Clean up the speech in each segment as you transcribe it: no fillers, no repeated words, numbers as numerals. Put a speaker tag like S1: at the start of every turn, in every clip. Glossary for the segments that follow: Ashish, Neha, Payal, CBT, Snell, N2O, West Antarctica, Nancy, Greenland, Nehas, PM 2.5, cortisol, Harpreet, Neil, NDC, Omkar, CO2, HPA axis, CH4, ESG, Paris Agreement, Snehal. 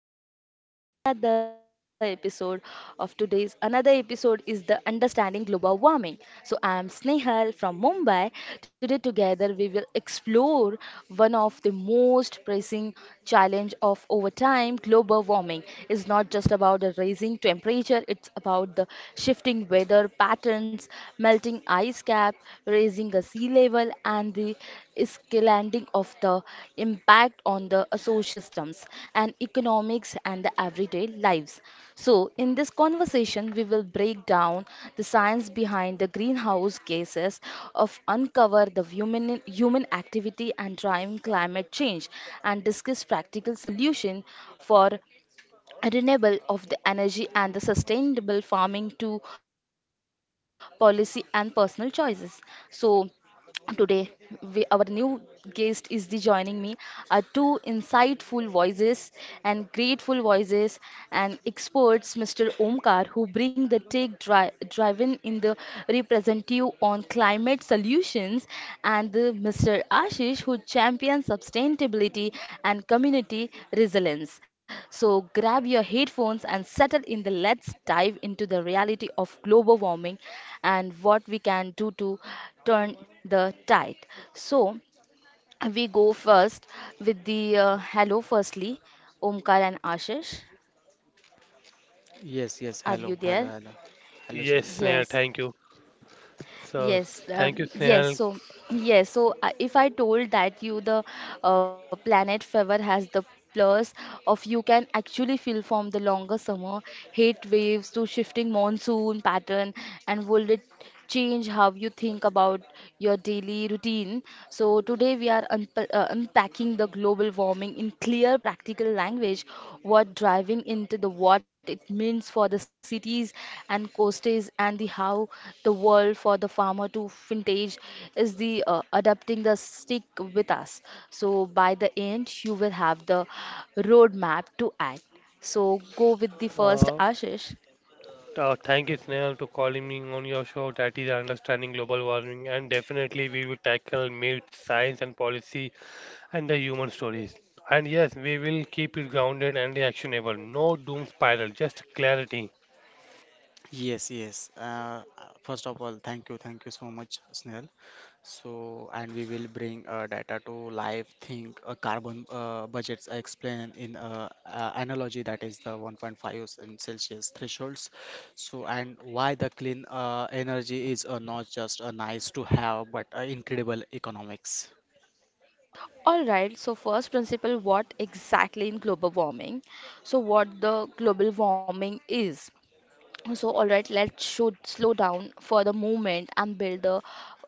S1: everyone, welcome back to another episode of today's another episode is the understanding global warming. So I am Snehal from Mumbai. Today together we will explore one of the most pressing challenge of over time global warming is not just about the raising temperature, it's about the shifting weather patterns, melting ice cap raising the sea level and the escalating of the impact on the ecosystems and economics and the everyday lives. So, in this conversation, we will break down the science behind the greenhouse gases of uncover the human activity and driving climate change and discuss practical solution for renewable of the energy and the sustainable farming to policy and personal choices so today, we, our new guest is the joining me are two insightful voices and grateful voices and experts, Mr. Omkar, who bring the take driven in the representative on climate solutions, and the Mr. Ashish, who champions sustainability and community resilience. So grab your headphones and settle in. The let's dive into the reality of global warming and what we can do to turn the tide. So we go first with the hello firstly, Omkar and Ashish.
S2: Yes, yes.
S1: Are you
S2: Hello, hello,
S1: there?
S2: hello. Hello,
S3: Yes,
S2: Snell.
S3: Snehal,
S1: Yes.
S3: thank you. So,
S1: Yes,
S3: thank you,
S1: yes.
S3: Snehal.
S1: So, yes. So, if I told that you the planet fever has the plus of you can actually feel from the longer summer heat waves to shifting monsoon pattern, and will it change how you think about your daily routine? So today we are unpacking the global warming in clear, practical language, what driving into the what it means for the cities and coasties and the how the world for the farmer to vintage is the adapting the stick with us. So by the end, you will have the roadmap to act. So go with the first
S3: Uh,
S1: Ashish.
S3: thank you, Snehal, to calling me on your show that is understanding global warming. And definitely, we will tackle myths, science, and policy, and the human stories. And yes, we will keep it grounded and actionable. No doom spiral, just clarity.
S2: Yes, yes. First of all, thank you so much, Snell. And we will bring data to life. Think carbon budgets. I explain in analogy that is the 1.5 in Celsius thresholds. And why the clean energy is not just a nice to have, but incredible economics.
S1: All right, so first principle what exactly in global warming? So what the global warming is? So, all right, let's should slow down for the moment and build the,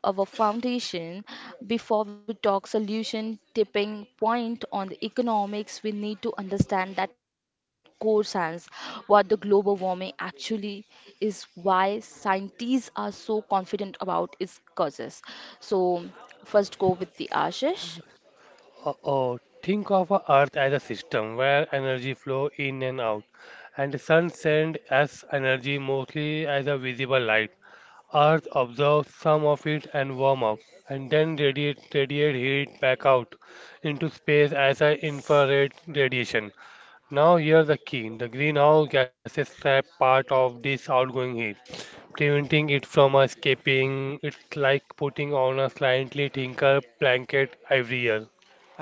S1: our foundation before we talk solution tipping point on the economics. We need to understand that core science, what the global warming actually is, why scientists are so confident about its causes. So, first go with the Ashish.
S3: Think of a Earth as a system where energy flow in and out, and the sun sends us energy mostly as a visible light. Earth absorbs some of it and warm up, and then radiate heat back out into space as an infrared radiation. Now here's the key. The greenhouse gases trap part of this outgoing heat, preventing it from escaping. It's like putting on a slightly thinner blanket every year.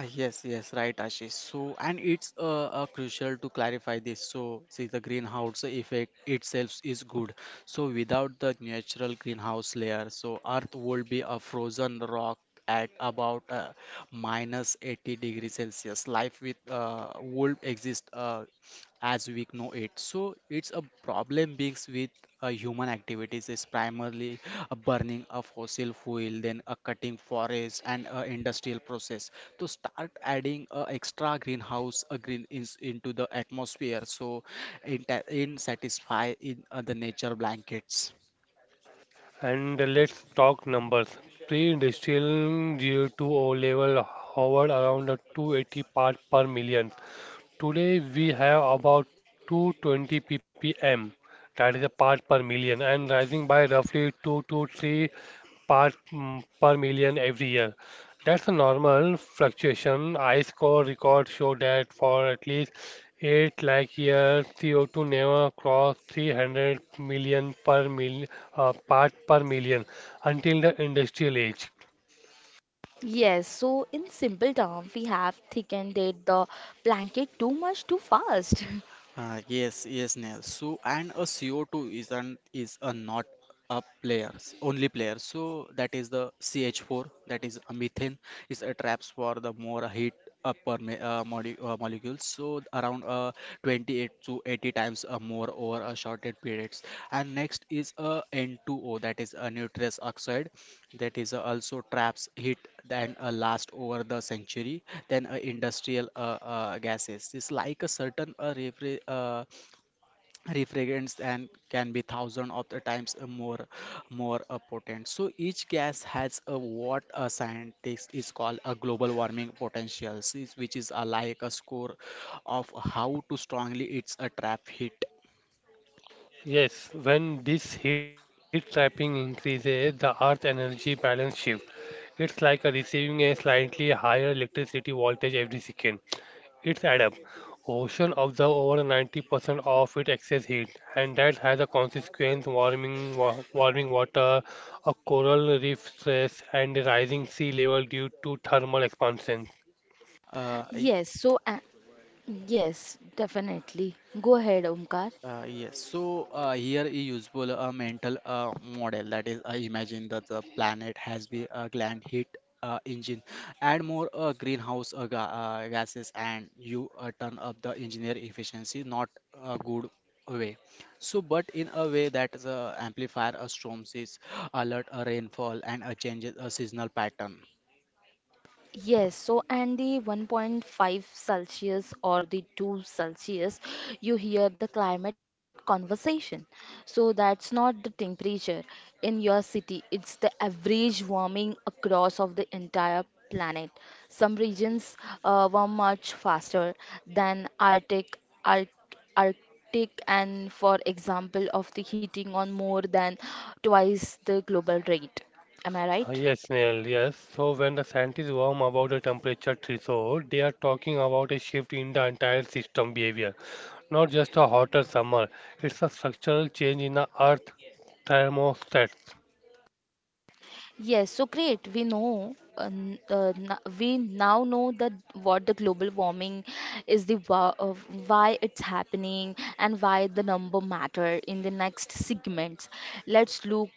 S2: Ah, yes, yes, right, Ashish. And it's crucial to clarify this. So, see, the greenhouse effect itself is good. So, without the natural greenhouse layer, so Earth would be a frozen rock at about minus 80 degrees Celsius. Life with would exist. As we know it. So it's a problem beings with human activities is primarily a burning of fossil fuel, then a cutting forest and a industrial process to start adding extra greenhouse green ins into the atmosphere. So in, in satisfy in the nature blankets.
S3: And let's talk numbers. Pre-industrial CO2 level hovered around the 280 parts per million. Today we have about 220 ppm, that is a part per million, and rising by roughly 2 to 3 per million every year. That's a normal fluctuation. Ice core records show that for at least 8 lakh years, CO2 never crossed 300 million per mil, part per million until the industrial age.
S1: Yes, so in simple term, we have thickened it the blanket too much too fast.
S2: Yes, yes, Neil. And a CO2 is not is a not a player, only player. So that is the CH4, that is a methane, is a traps for the more heat per molecules. So around 28 to 80 times more over a shorter periods. And next is a N2O, that is a nitrous oxide that is also traps hit than last over the century than industrial gases. It's like a certain refrigerants and can be thousand of the times more potent. So each gas has a what a scientist is called a global warming potential, which is like a score of how to strongly it's a trap hit.
S3: Yes, when this heat trapping increases, the Earth energy balance shifts. It's like a receiving a slightly higher electricity voltage every second. It's add up. Ocean absorb over 90% of its excess heat, and that has a consequence: warming, warming water, a coral reef stress, and rising sea level due to thermal expansion.
S2: Uh,
S1: Yes, so yes, definitely. Go ahead, Omkar.
S2: Here is useful a mental model that is imagine that the planet has been a gland heat engine add more greenhouse ga gases and you turn up the engineer efficiency not a good way so but in a way that the amplifier storms is alert a rainfall and changes a seasonal pattern.
S1: Yes, so and the 1.5 Celsius or the 2 Celsius, you hear the climate conversation. So that's not the temperature in your city, it's the average warming across of the entire planet. Some regions warm much faster than Arctic, Arc, Arctic and for example of the heating on more than twice the global rate. Am I right?
S3: Yes, Neil, yes. So when the scientists warm about the temperature threshold, they are talking about a shift in the entire system behavior, not just a hotter summer. It's a structural change in the Earth thermostats.
S1: Yes, so great. We know, we now know that what the global warming is the why it's happening and why the number matter in the next segments. Let's look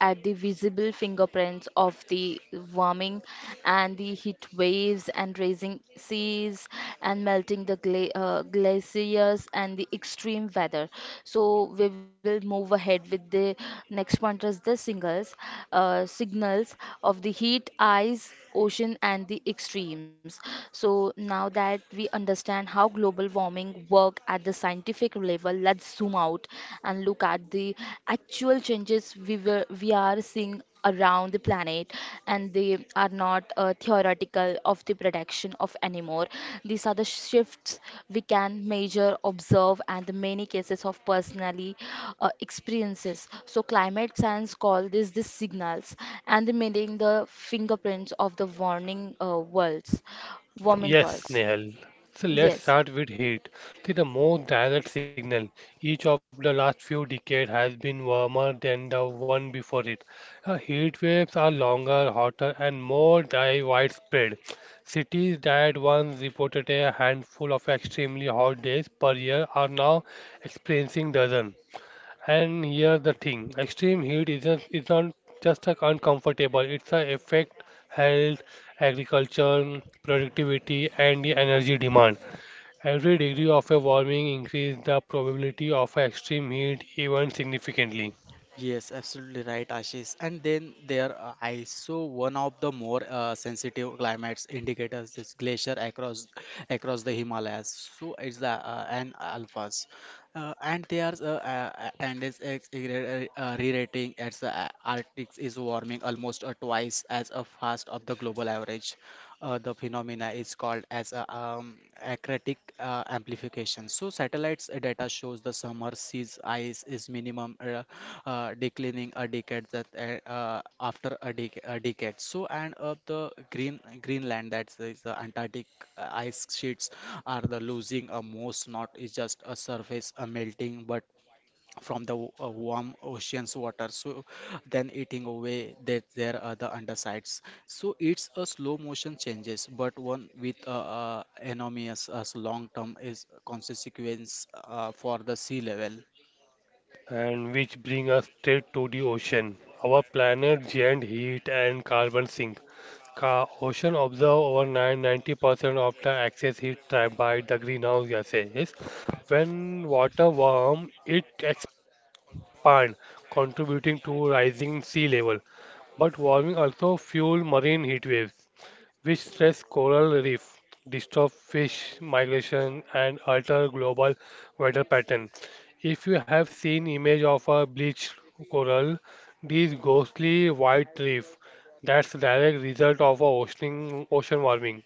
S1: at the visible fingerprints of the warming and the heat waves and raising seas and melting the glaciers and the extreme weather. So we will move ahead with the next point is the signals of the heat, ice, ocean, and the extremes. So now that we understand how global warming work at the scientific level, let's zoom out and look at the actual changes we are seeing around the planet and they are not theoretical of the production of anymore these are the shifts we can measure observe and the many cases of personally experiences so climate science call this the signals and the meaning the fingerprints of the warning worlds warming
S3: Yes,
S1: worlds.
S3: Nehal. So let's
S1: Yes,
S3: start with heat. See, the most direct signal each of the last few decades has been warmer than the one before it. Heat waves are longer, hotter, and widespread. Cities that once reported a handful of extremely hot days per year are now experiencing dozens. And here the thing, extreme heat isn't is not just a uncomfortable, it's a affect health, agriculture, productivity, and the energy demand. Every degree of a warming increase the probability of a extreme heat event significantly.
S2: Yes, absolutely right, Ashish. And then there are also one of the more sensitive climates indicators is glacier across the Himalayas. So it's the and alphas, and they are and re-rating as the Arctic is warming almost twice as a fast of the global average. The phenomena is called as a, acratic amplification. So satellites data shows the summer seas ice is minimum declining a decade that after a, a decade. So and of the green Greenland that is the Antarctic ice sheets are the losing a most not is just a surface a melting but from the warm ocean's water, so then eating away that their other undersides. So it's a slow motion changes but one with enormous long term is consequence for the sea level.
S3: And which bring us straight to the ocean, our planet giant heat and carbon sink. Ka ocean absorb over 9 90% of the excess heat trapped by the greenhouse gases. When water warms, it expands, contributing to rising sea level. But warming also fuels marine heat waves which stress coral reef, disturb fish migration, and alter global weather pattern. If you have seen image of a bleached coral, this ghostly white reef, that's the direct result of a ocean warming.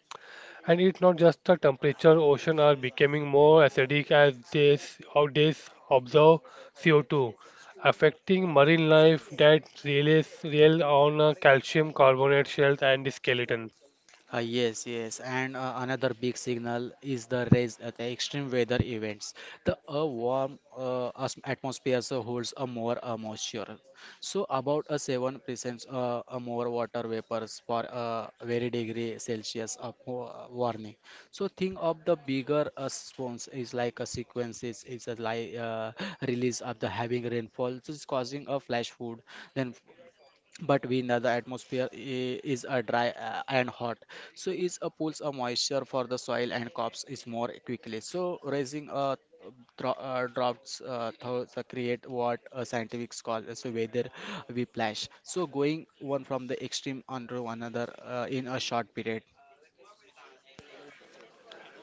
S3: And it's not just the temperature, ocean are becoming more acidic as they, s- how they s- absorb CO2, affecting marine life that relies real on calcium carbonate shells and the skeleton.
S2: Yes, yes, and another big signal is the rise at the extreme weather events. The a warm atmosphere so holds a more moisture, so about a 7% a more water vapors per very degree Celsius of warning. So think of the bigger response is like a sequences is a like release of the heavy rainfall, which is causing a flash flood, then but we know the atmosphere is a dry and hot, so it pulls a moisture for the soil and crops is more quickly, so raising a droughts thoughts, create what a scientific call as a weather whiplash, so going one from the extreme onto another in a short period.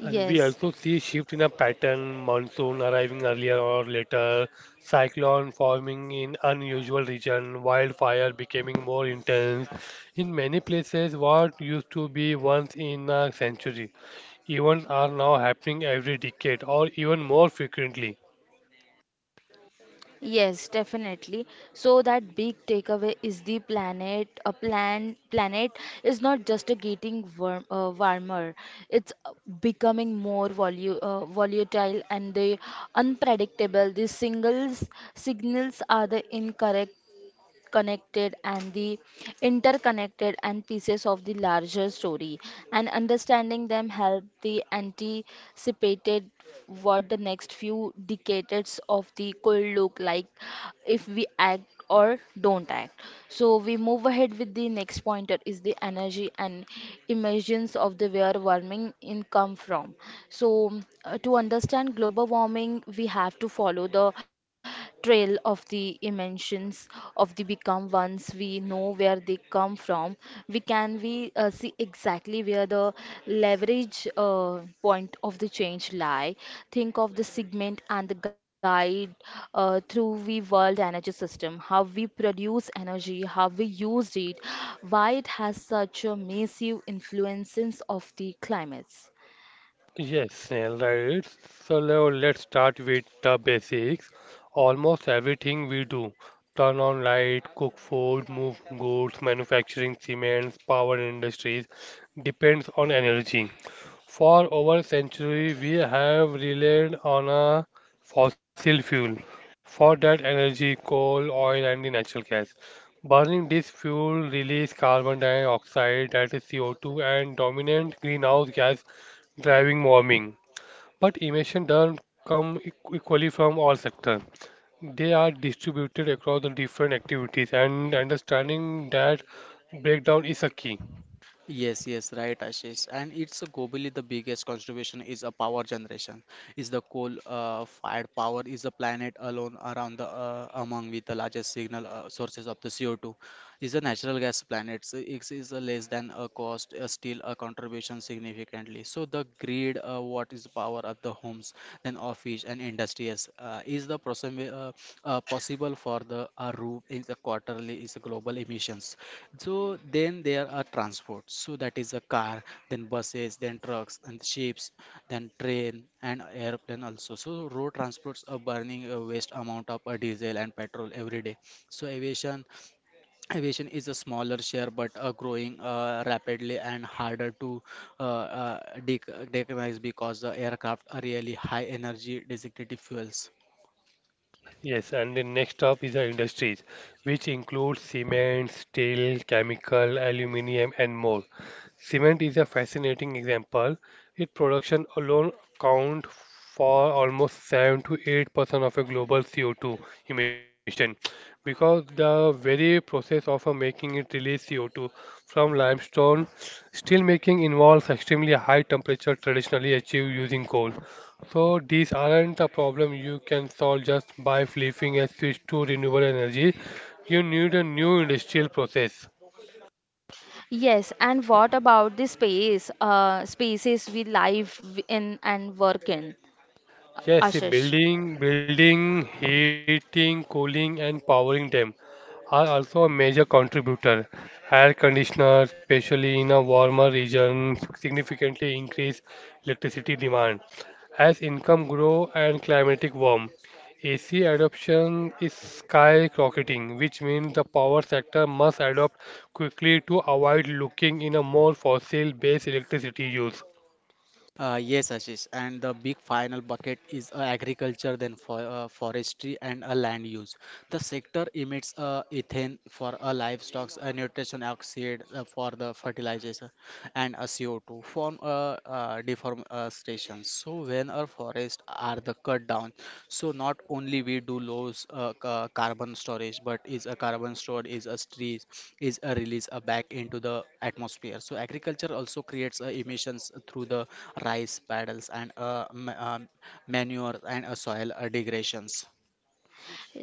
S3: And we
S1: yes.
S3: also see shift in a pattern, monsoon arriving earlier or later, cyclone forming in unusual region, wildfire becoming more intense. In many places, what used to be once in a century, events are now happening every decade or even more frequently.
S1: Yes, definitely. So that big takeaway is the planet. A planet is not just a getting warmer. It's becoming more volu volatile and the unpredictable. The singles signals are the incorrect connected and the interconnected and pieces of the larger story and understanding them help the anticipated what the next few decades of the could look like if we act or don't act so we move ahead with the next pointer is the energy and emissions of the where warming in come from so to understand global warming we have to follow the trail of the inventions of the become ones. We know where they come from. We can we see exactly where the leverage point of the change lie. Think of the segment and the guide through the world energy system. How we produce energy, how we use it, why it has such a massive influences of the climates.
S3: Yes, Snehal, right. So now let's start with the basics. Almost everything we do, turn on light, cook food, move goods, manufacturing cements, power industries, depends on energy. For over centuries, we have relied on a fossil fuel for that energy, coal, oil, and the natural gas. Burning this fuel releases carbon dioxide, that is CO2, and dominant greenhouse gas driving warming. But emissions don't come equally from all sectors. They are distributed across the different activities, and understanding that breakdown is a key.
S2: Yes, yes, right, Ashish. And it's globally the biggest contribution is a power generation. Is the coal fired power is the planet alone around the among with the largest signal sources of the CO2 is a natural gas planet. So it is a less than a cost, still a contribution significantly. So the grid, what is the power of the homes, then office and industries, is the possible possible for the roof in the quarterly is a global emissions. So then there are transport. So that is a car, then buses, then trucks, and ships, then train and airplane also. So road transports are burning a waste amount of diesel and petrol every day. So aviation is a smaller share but growing rapidly and harder to uh, uh, decarbonize because the aircraft are really high energy designated fuels.
S3: Yes, and the next up is the industries, which includes cement, steel, chemical, aluminium, and more. Cement is a fascinating example. Its production alone account for almost 7 to 8% of a global CO2 emission because the very process of making it release CO2 from limestone. Steel making involves extremely high temperature traditionally achieved using coal. So these aren't a problem you can solve just by flipping a switch to renewable energy. You need a new industrial process.
S1: Yes, and what about the spaces we live in and work in,
S3: Yes, see,
S1: Ashish?
S3: building, heating, cooling, and powering them are also a major contributor. Air conditioners, especially in a warmer region, significantly increase electricity demand. As income grow and climatic warm, AC adoption is skyrocketing, which means the power sector must adopt quickly to avoid looking in a more fossil-based electricity use.
S2: Yes, Ashish, and the big final bucket is agriculture, then forestry and land use. The sector emits ethane for livestock, nitrogen oxide for the fertilization, and CO2 from deforestation. So when our forests are the cut down, so not only we do lose carbon storage, but is a carbon stored is a trees is a release back into the atmosphere. So agriculture also creates emissions through the rice paddles and manure and soil degradations.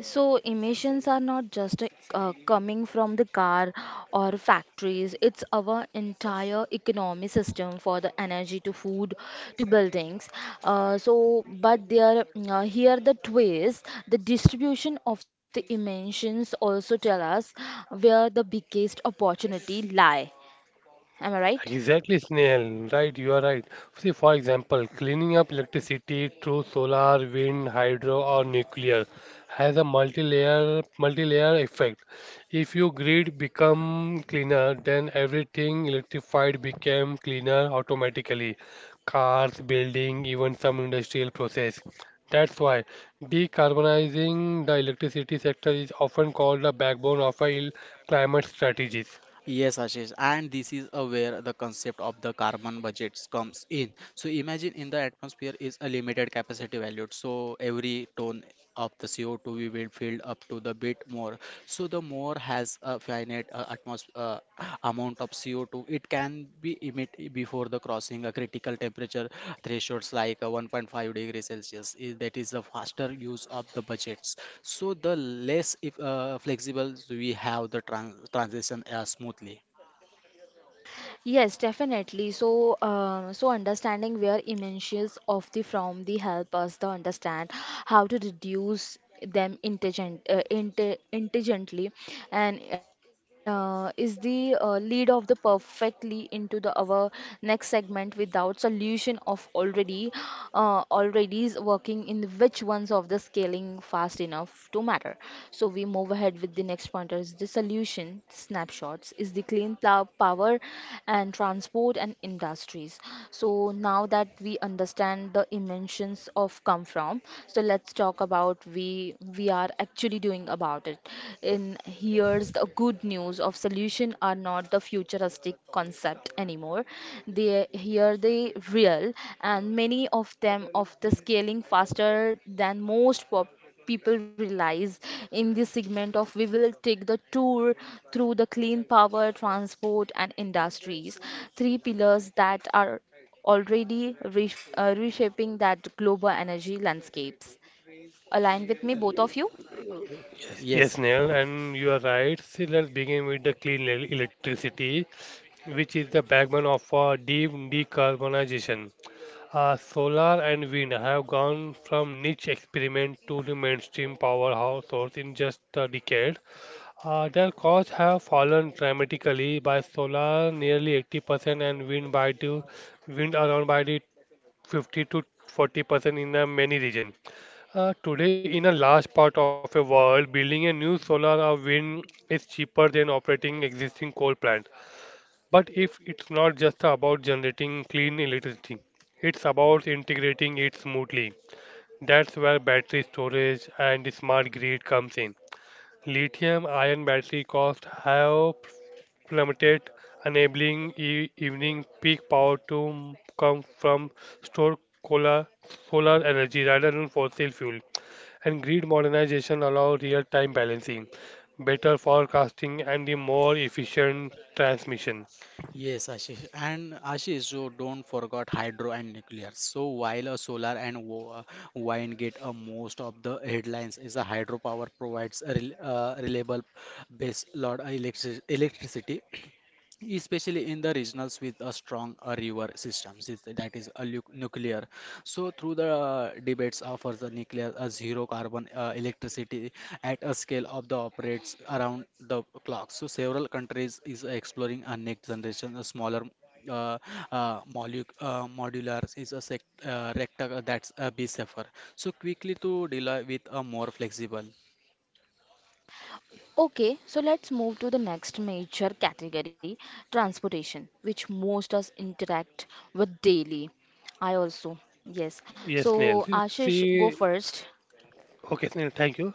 S1: So emissions are not just coming from the car or factories. It's our entire economy system for the energy to food to buildings. So, but there here the twist. The distribution of the emissions also tell us where the biggest opportunity lie. Am I right?
S3: Exactly, Snail. Right, you are right. See, for example, cleaning up electricity through solar, wind, hydro, or nuclear has a multi-layer effect. If your grid become cleaner, then everything electrified became cleaner automatically. Cars, building, even some industrial process. That's why decarbonizing the electricity sector is often called the backbone of a climate strategies.
S2: Yes, Ashish, and this is where the concept of the carbon budgets comes in. So imagine in the atmosphere is a limited capacity valued. So every ton of the CO2 we will fill up to the bit more. So the more has a finite atmosphere. Amount of CO2. It can be emit before the crossing a critical temperature thresholds like 1.5 degrees Celsius. That is the faster use of the budgets. So the less if flexible we have the transition smoothly.
S1: Yes, definitely. So, so understanding where emissions of the from the help us to understand how to reduce them intelligently, and is the lead of the perfectly into the our next segment without solution of already is working in which ones of the scale scaling fast enough to matter. So we move ahead with the next pointer is the solution snapshots is the clean power and transport and industries. So now that we understand the dimensions of come from, so let's talk about we are actually doing about it. In here's the good news of solution are not the futuristic plastic concept anymore. They here they real, and many of them of the scaling faster than most pop people realize in this segment of we will take the tour through the clean power transport and industries three pillars that are already reshaping that global energy landscapes align with me both of you.
S3: Yes,
S2: Yes,
S3: Neil, and you are right. So let's begin with the clean electricity, which is the backbone of deep decarbonization. Solar and wind have gone from niche experiment to the mainstream powerhouse source in just a decade. Their costs have fallen dramatically by solar nearly 80% and wind by the wind around by the 50 to 40% in many regions. Today, in a large part of the world, building a new solar or wind is cheaper than operating existing coal plant. But if it's not just about generating clean electricity, it's about integrating it smoothly. That's where battery storage and smart grid comes in. Lithium-ion battery costs have plummeted, enabling e evening peak power to come from stored solar solar energy rather than fossil fuel and grid modernization allow real-time balancing, better forecasting, and a more efficient transmission.
S2: yes, Ashish. And Ashish, so don't forget hydro and nuclear. So while a solar and wind get most of the headlines, is a hydropower provides a reliable base load electricity, especially in the regionals with a strong river systems that is a nuclear, so through the debates for the nuclear zero carbon electricity at a scale of the operates around the clock. So several countries is exploring a next generation, a smaller uh, modular is a rectangle that's a be safer, so quickly to deal with a more flexible.
S1: Okay, so let's move to the next major category, transportation, which most us interact with daily. I also, yes.
S3: Yes,
S1: So
S3: Neil.
S1: Ashish, go
S3: See,
S1: first.
S3: okay, Neil, thank you.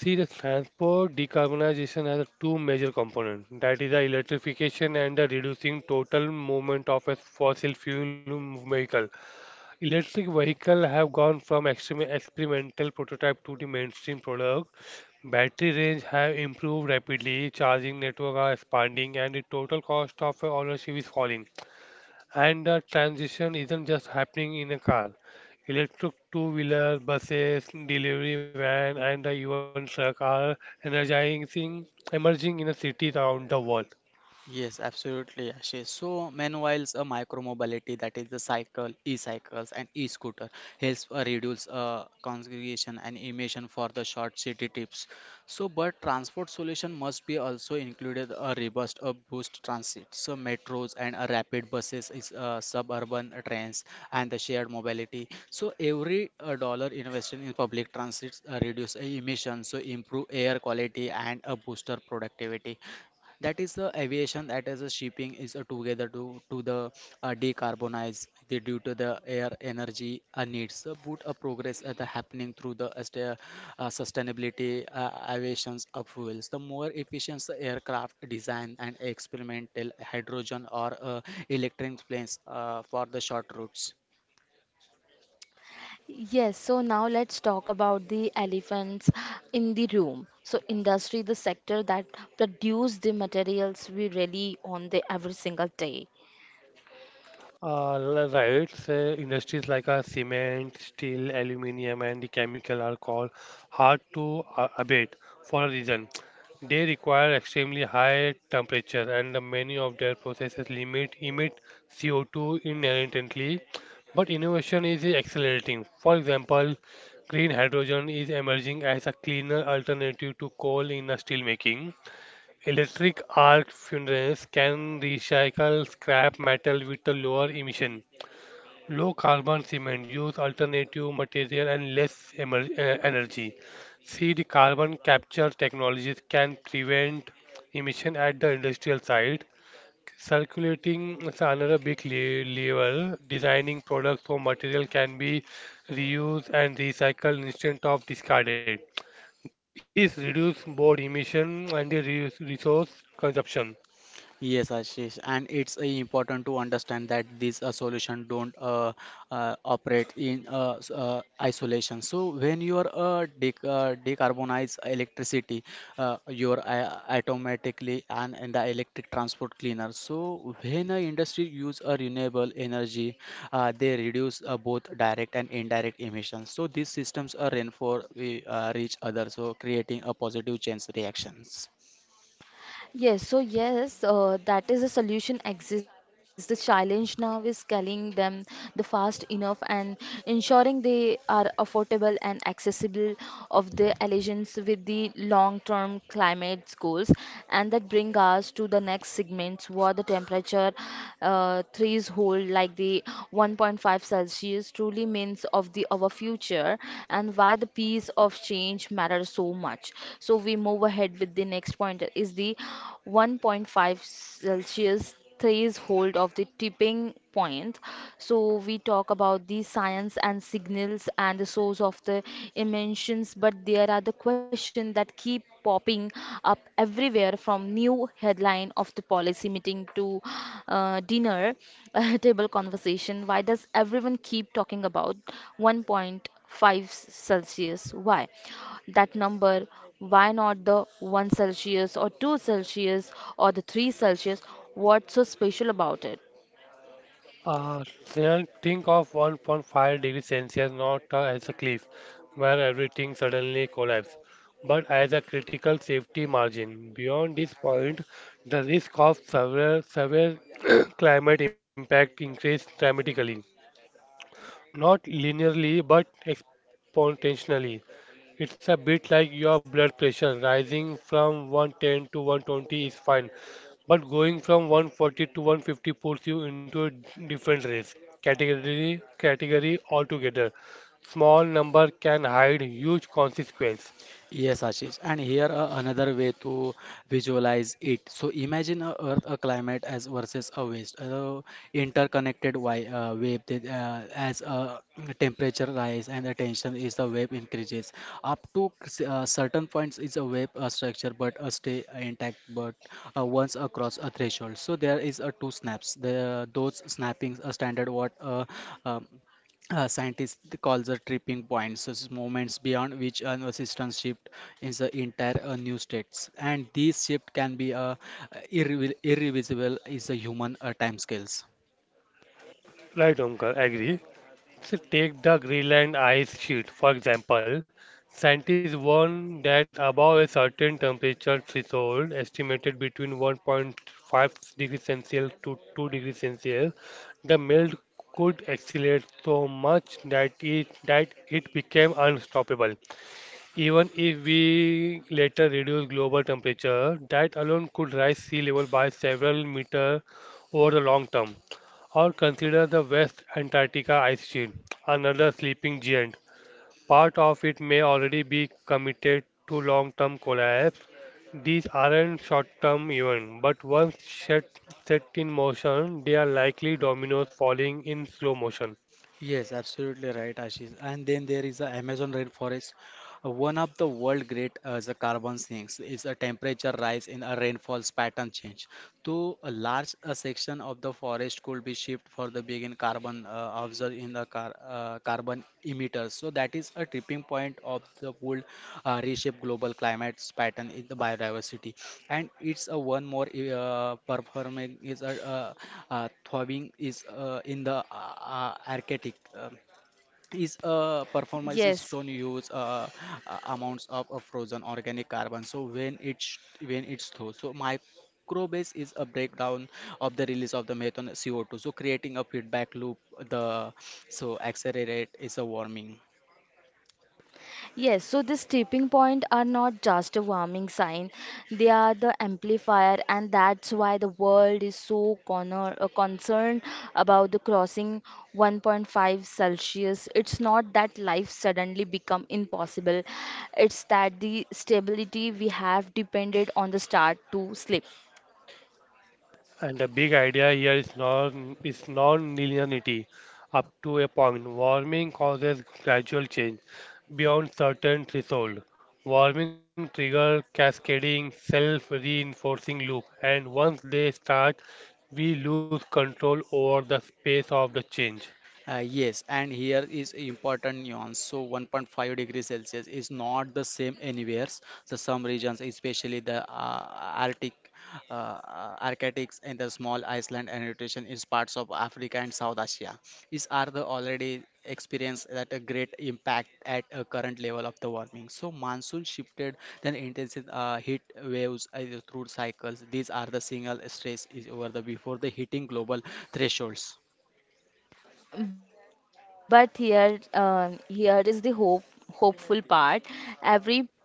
S3: See, the transport decarbonization has two major components. That is the electrification and the reducing total movement of a fossil fuel vehicle. Electric vehicle have gone from experimental prototype to the mainstream product. Battery range have improved rapidly, charging network are expanding, and the total cost of ownership is falling. And the transition isn't just happening in a car. Electric two-wheeler, buses, delivery van, and the even truck are energizing, emerging in the cities around the world.
S2: Yes, absolutely, Ashish. So, meanwhile, a micromobility, that is the cycle, e-cycles, and e-scooter helps reduce congregation and emission for the short city trips. So, but transport solution must be also included a robust a boost transit. So, metros and a rapid buses is suburban trains and the shared mobility. So, every dollar invested in public transit reduce emissions, so improve air quality and a booster productivity. That is the aviation, that is the shipping is together to the decarbonize the, due to the air energy needs. So boot a progress at the happening through the as the, sustainability aviations of fuels. The more efficient the aircraft design and experimental hydrogen or electric planes for the short routes.
S1: Yes, so now let's talk about the elephants in the room. So industry, the sector that produce the materials we rely on the every single day.
S3: Right. So industries like cement, steel, aluminium, and the chemical are called hard to abate for a reason. They require extremely high temperature, and many of their processes limit emit CO2 inherently. But innovation is accelerating. For example, green hydrogen is emerging as a cleaner alternative to coal in steel making. Electric arc furnaces can recycle scrap metal with a lower emission. Low carbon cement use alternative material and less energy. See the carbon capture technologies can prevent emission at the industrial site. Circulating is another big level. Designing products so material can be reused and recycled instead of discarded. This reduce both emission and the resource consumption.
S2: Yes, Ashish, and it's important to understand that these solutions don't operate in isolation. So when you are decarbonize electricity, you're automatically and in the electric transport cleaner. So when a industry use a renewable energy, they reduce both direct and indirect emissions. So these systems are reinforce reach others, so creating a positive change reactions.
S1: Yes, so yes, that is a solution exists. The challenge now is scaling them the fast enough and ensuring they are affordable and accessible of the allegiance with the long-term climate goals. And that bring us to the next segments where the temperature threes hold like the 1.5 herself. She is truly means of the our future and why the piece of change matters so much. So we move ahead with the next point is the 1.5 Celsius threshold of the tipping point. So we talk about the science and signals and the source of the emissions, but there are the questions that keep popping up everywhere from new headline of the policy meeting to dinner table conversation. Why does everyone keep talking about 1.5 Celsius? Why? That number, why not the 1 Celsius or 2 Celsius or the 3 Celsius? What's so special about it?
S3: Snehal, think of 1.5 degrees Celsius not as a cliff where everything suddenly collapses, but as a critical safety margin. Beyond this point, the risk of severe climate impact increases dramatically. Not linearly, but exponentially. It's a bit like your blood pressure. Rising from 110 to 120 is fine, but going from 140 to 150 puts you into a different category altogether. Small number can hide huge consequence.
S2: Yes, Ashish. And here another way to visualize it. So imagine a Earth a climate as versus a waste, interconnected wave that, as temperature rise and the tension is the wave increases. Up to certain points is a wave structure but stay intact but once across a threshold. So there is a two snaps. The those snappings are standard what um, scientists calls the tripping points as moments beyond which an system shift is the entire new states, and these shift can be irreversible is the human time scales.
S3: Right, Omkar, agree. So take the Greenland ice sheet, for example. Scientists warn that above a certain temperature threshold, estimated between 1.5 degrees Celsius to 2 degrees Celsius, the melt could accelerate so much that it became unstoppable. Even if we later reduce global temperature, that alone could rise sea level by several meters over the long term. Or consider the West Antarctica ice sheet, another sleeping giant. Part of it may already be committed to long-term collapse. These aren't short-term events, but set in motion, they are likely dominoes falling in slow motion.
S2: Yes, absolutely right, Ashish. And then there is the Amazon rainforest. One of the world great the carbon sinks is a temperature rise in a rainfall's pattern change. So a large a section of the forest could be shipped for the begin carbon absorb in the carbon emitters, so that is a tipping point of the would reshape global climate's pattern in the biodiversity. And it's a one more performing is a throbbing is in the arctic. um, is a performance is don't
S1: Yes.
S2: use amounts of frozen organic carbon. So when it's through, so microbase is a breakdown of the release of the methane, co2, so creating a feedback loop, the so accelerate is a warming.
S1: Yes, so this tipping point are not just a warming sign, they are the amplifier, and that's why the world is so concerned about the crossing 1.5 Celsius. It's not that life suddenly become impossible, it's that the stability we have depended on the start to slip.
S3: And the big idea here is non-linearity up to a point. Warming causes gradual change beyond certain threshold. Warming trigger cascading self-reinforcing loop, and once they start, we lose control over the pace of the change.
S2: Yes, and here is important nuance. So 1.5 degrees Celsius is not the same anywhere. So some regions, especially the Arctic, Arctics and the small Iceland and nutrition is parts of Africa and South Asia. These are the already experience that a great impact at a current level of the warming. So monsoon shifted, then intensive heat waves through cycles. These are the single stress is over the before the hitting global thresholds.
S1: But here is the hopeful part every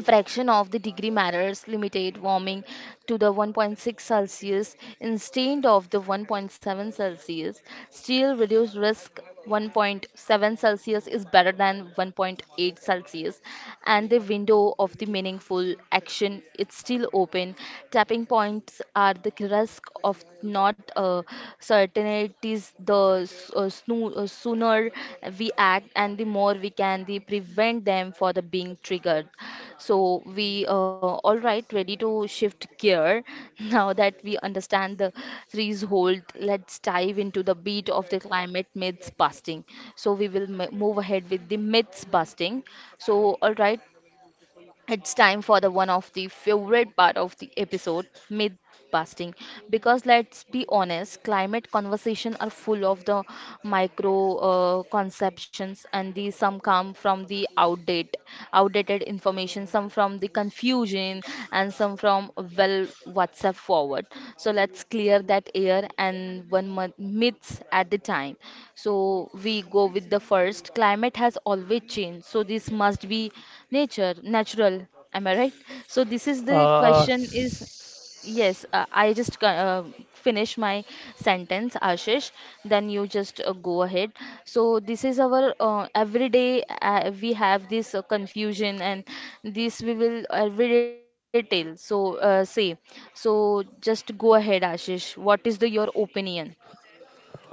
S1: a fraction of the degree matters limited warming to the 1.6 celsius instead of the 1.7 celsius still reduce risk 1.7 celsius is better than 1.8 celsius and the window of the meaningful action is still open tapping points are the risk of not certainties, the sooner we act and the more we can the prevent them for the being triggered. So we all right, ready to shift gear. Now that we understand the threshold, let's dive into the beat of the climate myths busting. So we will move ahead with the myths busting. So all right, it's time for the one of the favorite part of the episode myth busting because let's be honest climate conversation are full of the micro conceptions and these some come from the outdated information some from the confusion online and some from well WhatsApp forward. So let's clear that air and one month myths at the time. So we go with the first. Climate has always changed, so this must be natural. Am I right? So this is the
S3: Uh,
S1: question is yes, finish my sentence, Ashish. Then you just go ahead. So this is our everyday. We have this confusion, and this we will everyday tell. So say. So just go ahead, Ashish. What is the your opinion?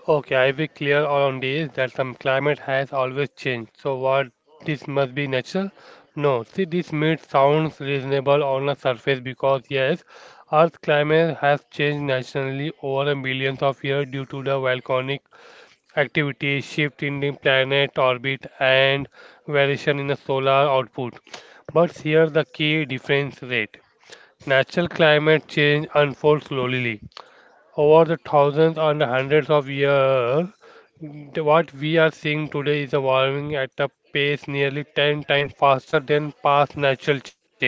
S3: Okay, I will clear on this that some climate has always changed. So what this must be natural? No. See this myth sounds reasonable on the surface because yes, Earth's climate has changed naturally over the millions of years due to the volcanic activity, shift in the planet orbit and variation in the solar output. But here the key difference rate. Natural climate change unfolds slowly over the thousands and hundreds of years, what we are seeing today is evolving at a pace nearly 10 times faster than past natural change.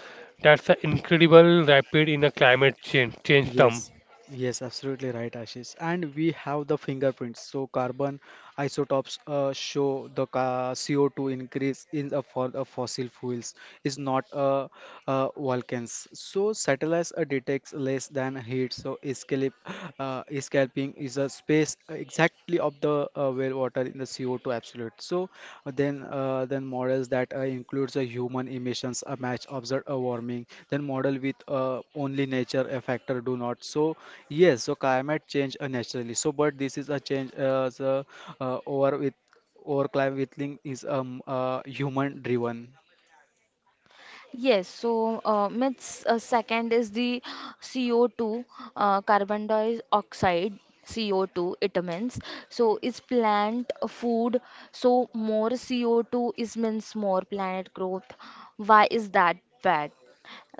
S3: That's an incredible rapid in a change term.
S2: Yes, yes, absolutely right, Ashish. And we have the fingerprints. So carbon isotopes show the ca CO2 increase in for the fossil fuels is not volcanoes. So satellites detects less than heat. So escape escaping is a space exactly of the well water in the CO2 absolute. So then models that includes a human emissions, a match observed a warming, then model with only nature a factor do not. So yes, so climate change naturally. So but this is a change the, over with over climate with link is human driven.
S1: Yes, so myths second is the CO2, carbon dioxide, CO2, it means. So is plant food, so more CO2 is means more planet growth. Why is that bad?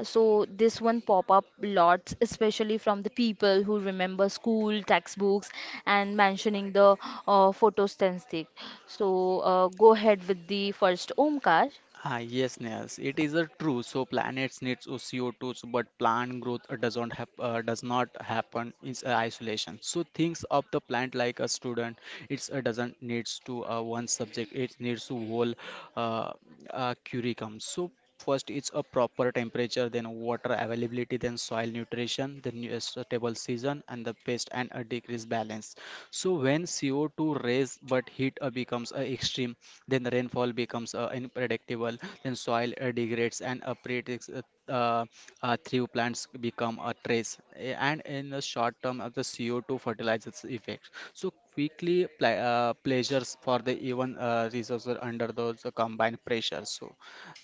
S1: So this one pop up lots, especially from the people who remember school textbooks and mentioning the photosynthetic. So go ahead with the first Omkar.
S2: Ah, yes, Nehas, it is a true. So planets needs O C O 2, so but plant growth does not happen in isolation. So thinks of the plant like a student. It doesn't needs to one subject. It needs to whole uh, curriculum. So first is a proper temperature, then water availability, then soil nutrition, then a suitable season and the pest and a decrease balance. So when CO2 raise but heat becomes extreme, then the rainfall becomes unpredictable, then soil degrades and uh, through plants become a trace and in the short term of the CO2 fertilizers effect. So quickly pleasures for the even resources under those combined pressures. So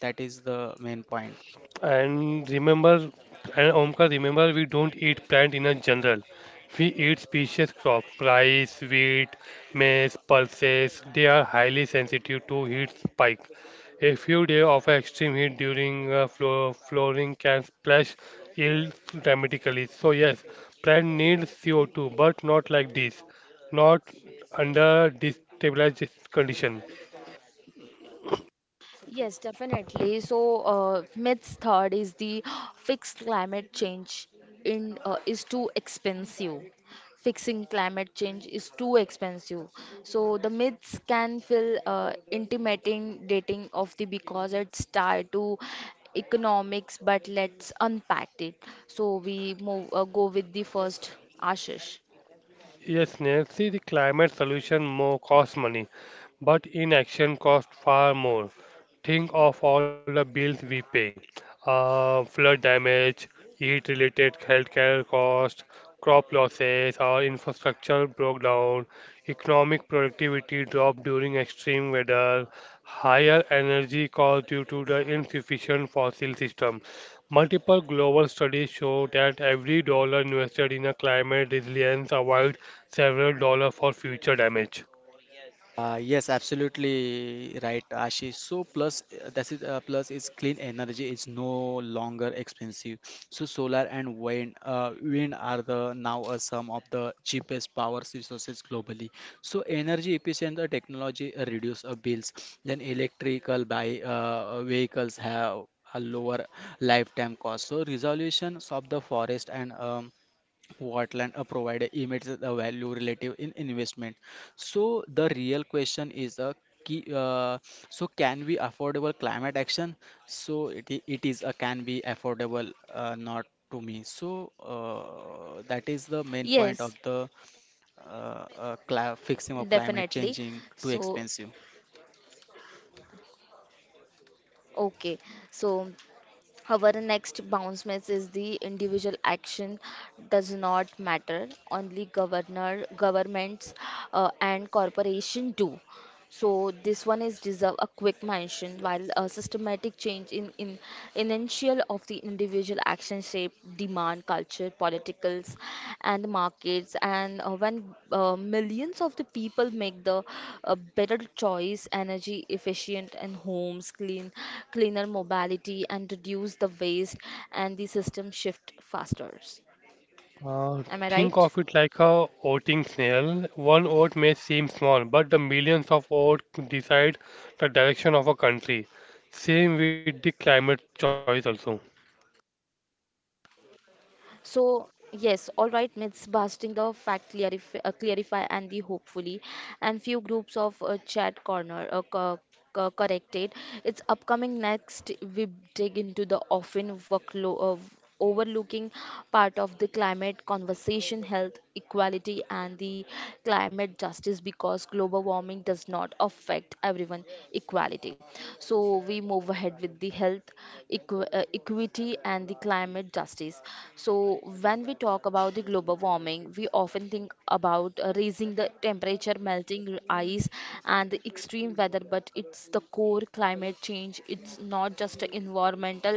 S2: that is the main point.
S3: And remember, and Omkar, remember we don't eat plant in a general. We eat species crop, rice, wheat, maize, pulses. They are highly sensitive to heat spike. A few days of extreme heat during flowering can splash yield dramatically. So yes, plant needs CO2, but not like this, not under destabilized condition.
S1: Yes, definitely. So, myths third is the fixed climate change in is too expensive. Fixing climate change is too expensive. So the myths can feel intimidating dating of the because it's tied to economics. But let's unpack it. So we move go with the first Ashish.
S3: Yes, Nancy, the climate solution more costs money, but inaction costs far more. Think of all the bills we pay. Flood damage, heat-related healthcare costs, crop losses, our infrastructure broke down, economic productivity dropped during extreme weather, higher energy costs due to the insufficient fossil system. Multiple global studies show that every dollar invested in a climate resilience avoids several dollars for future damage.
S2: Yes, absolutely right, Ashish. So plus, that's it. Plus, is clean energy is no longer expensive. So solar and wind, wind are the now are some of the cheapest power resources globally. So energy efficient technology reduce bills. Then electrical by vehicles have a lower lifetime cost. So resolutions of the forest and Whatland a provider emits the value relative in investment. So the real question is a key, uh, so can we affordable climate action? So it is a can be affordable not to me. So that is the main point of
S1: Yes,
S2: the cla
S1: definitely.
S2: fixing of climate
S1: So
S2: changing too expensive.
S1: okay, so. Our next bounce miss is the individual action does not matter, only governor, governments and corporation do. So this one is deserve a quick mention while a systematic change in initial of the individual action shape demand culture politicals and the markets and when millions of the people make the better choice energy efficient and homes clean cleaner mobility and reduce the waste and the system shift faster,
S3: Uh,
S1: am I
S3: think
S1: right?
S3: of it like a oating snail. One oat may seem small, but the millions of oats decide the direction of a country. Same with the climate choice also.
S1: So, yes, all right, myths busting the fact clarify, clarify and the hopefully, and few groups of chat corner corrected. It's upcoming next. We dig into the often workload overlooking part of the climate conversation, health equality, and the climate justice, because global warming does not affect everyone equality. So we move ahead with the health equity and the climate justice. So when we talk about the global warming, we often think about raising the temperature, melting ice, and the extreme weather, but it's the core the climate change, it's not just a environmental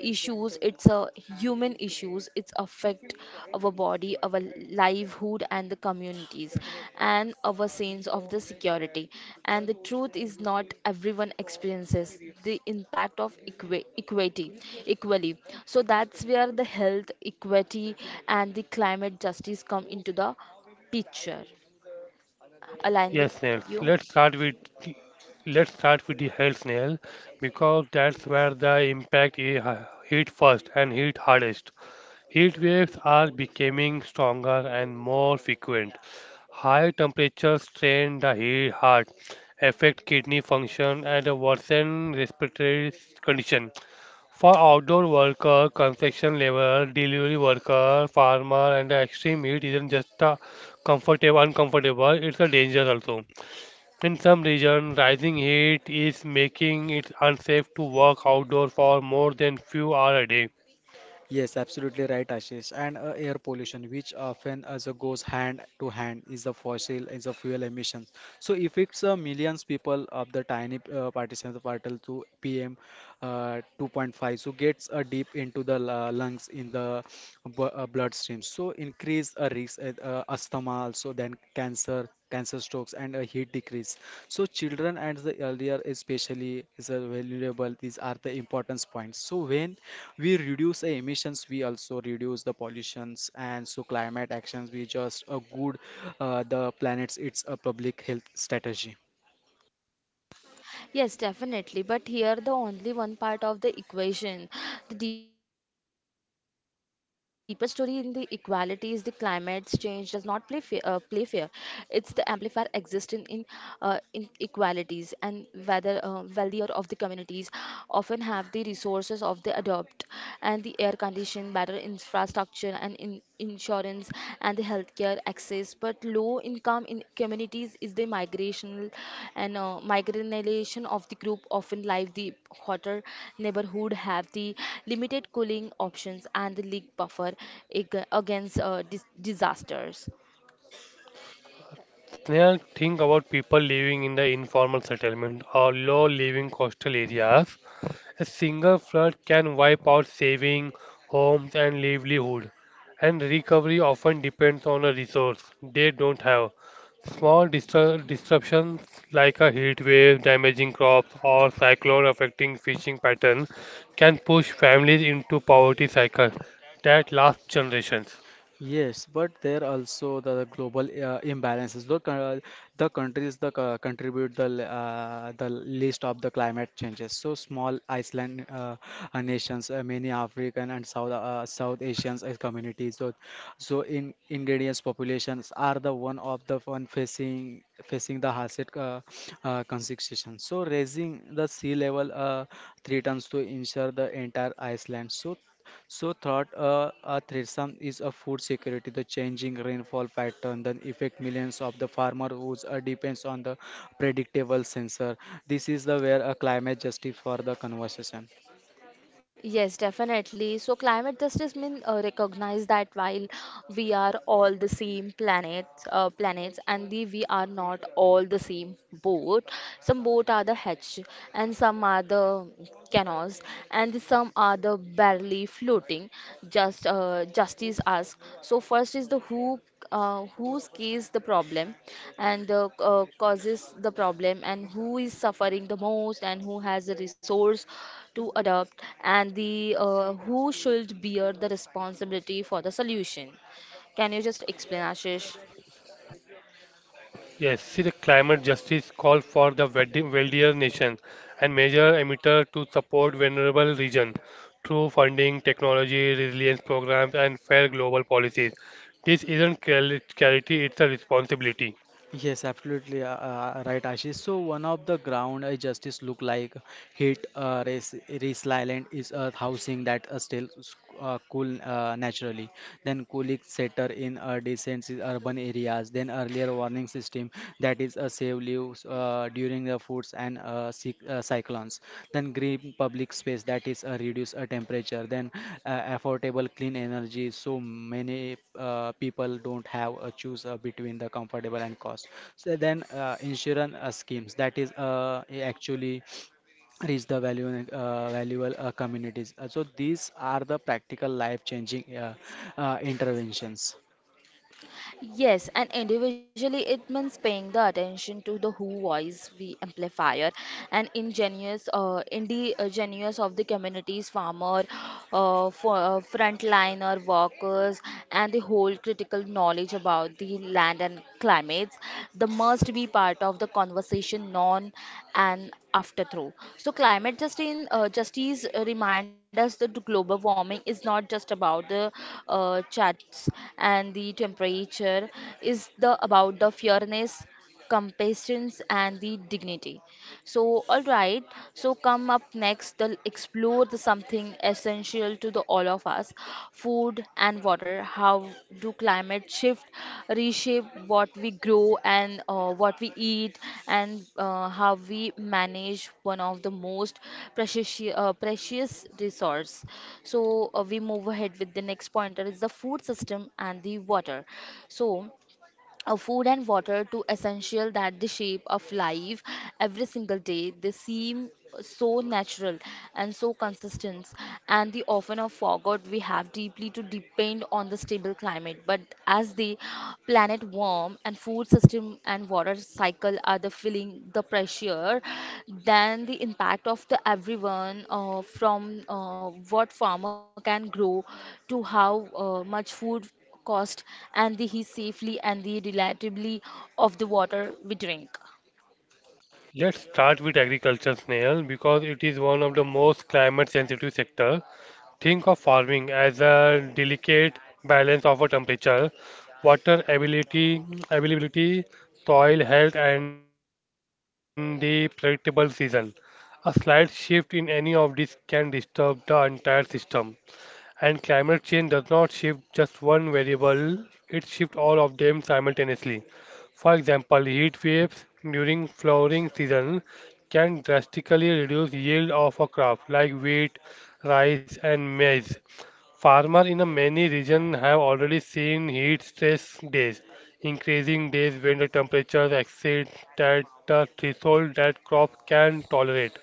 S1: issues, it's a human issues, it's affect our body, our livelihood and the communities and our sense of the security. And the truth is not everyone experiences the impact of equity equally. So that's where the health equity and the climate justice come into the picture.
S3: Yes,
S1: Align
S3: snails.
S1: with you.
S3: Let's start with the health snail because that's where the impact is hit first and hit hardest. Heat waves are becoming stronger and more frequent. High temperatures strain the heart, affect kidney function, and worsen respiratory condition. For outdoor workers, construction laborers, delivery workers, farmers, and the extreme heat isn't just a comfortable uncomfortable, it's a danger also. In some regions, rising heat is making it unsafe to work outdoor for more than few hours a day.
S2: Yes, absolutely right, Ashish. And air pollution, which often as goes hand to hand, is the fuel emissions. So if it's millions people of the tiny partition of particle to PM 2.5, so gets deep into the lungs in the bloodstream. So increase a risk asthma also then cancer, strokes and a heat decrease. So children and the elder especially is a valuable, these are the importance points. So when we reduce the emissions, we also reduce the pollutions, and so climate actions we just a good the planets, it's a public health strategy.
S1: Yes, definitely. But here, the only one part of the equation, the deeper story in the equality is the climate change does not play fair. It's the amplifier existing in inequalities, and whether wealthier of the communities often have the resources of the adopt, and the air condition, better infrastructure and in insurance and the healthcare access. But low income in communities is the migrational and migration of the group often live the hotter neighborhood, have the limited cooling options and the leak buffer against disasters.
S3: Sneha, think about people living in the informal settlement or low-living coastal areas. A single flood can wipe out saving, homes, and livelihood, and recovery often depends on a resource they don't have. Small disruptions like a heat wave damaging crops or cyclone affecting fishing patterns can push families into poverty cycles that last generations.
S2: Yes, but there also the global imbalances. Look, the countries that contribute the least of the climate changes. So small Iceland nations, many African and South Asians communities. So, so in ingredients populations are the one of the one facing the hardest constriction. So raising the sea level three tons to ensure the entire Iceland. So so, thought a threesome is a food security, the changing rainfall pattern that affect millions of the farmer whose depends on the predictable sensor. This is the where a climate justice for the conversation.
S1: Yes, definitely. So climate justice means recognize that while we are all the planets, and the, we are not all the same boat. Some boat are the hatch, and some are the canoes, and some are the barely floating. Justice asks. So first is the whose case the problem and the causes the problem, and who is suffering the most, and who has the resource to adopt, and the who should bear the responsibility for the solution. Can you just explain, Ashish?
S3: Yes, see, the climate justice call for the wealthier nation and major emitter to support vulnerable region through funding, technology, resilience programs, and fair global policies. This isn't charity; it's a responsibility.
S2: Yes, absolutely right, Ashish. So one of the ground justice look like hit race race island is a housing that cool naturally. Then cooling setter in decent urban areas. Then earlier warning system that is a save lives. During the foods and cyclones. Then green public space that is reduce temperature. Then affordable clean energy. So many people don't have a choose between the comfortable and cost. So then insurance schemes that is actually reach the value valuable communities. So these are the practical life changing interventions.
S1: Yes, and individually it means paying the attention to the who voice we amplifier and ingenious indigenous of the communities farmer frontliner workers and the whole critical knowledge about the land and climates the must be part of the conversation non an afterthought. So, justice remind us that global warming is not just about the charts and the temperature; is the about the fairness, compassion, and the dignity. So, all right. So, come up next, they'll explore the something essential essential to the all of us. Food and water. How do climate shift reshape what we grow and what we eat, and how we manage one of the most precious precious resource? So we move ahead with the next pointer is the food system and the water. So of food and water to essential that the shape of life every single day, they seem so natural and so consistent, and the often are forgot we have deeply to depend on the stable climate. But as the planet warm and food system and water cycle are the feeling the pressure, then the impact of the everyone from what farmer can grow to how much food cost and the he safely and the reliably of the water we drink.
S3: Let's start with agriculture, Snail, because it is one of the most climate sensitive sector. Think of farming as a delicate balance of a temperature, water ability, availability, soil health, and the predictable season. A slight shift in any of these can disturb the entire system. And climate change does not shift just one variable, it shifts all of them simultaneously. For example, heat waves during flowering season can drastically reduce yield of a crop like wheat, rice and maize. Farmers in a many regions have already seen heat stress days, increasing days when the temperatures exceed that the threshold that crop can tolerate.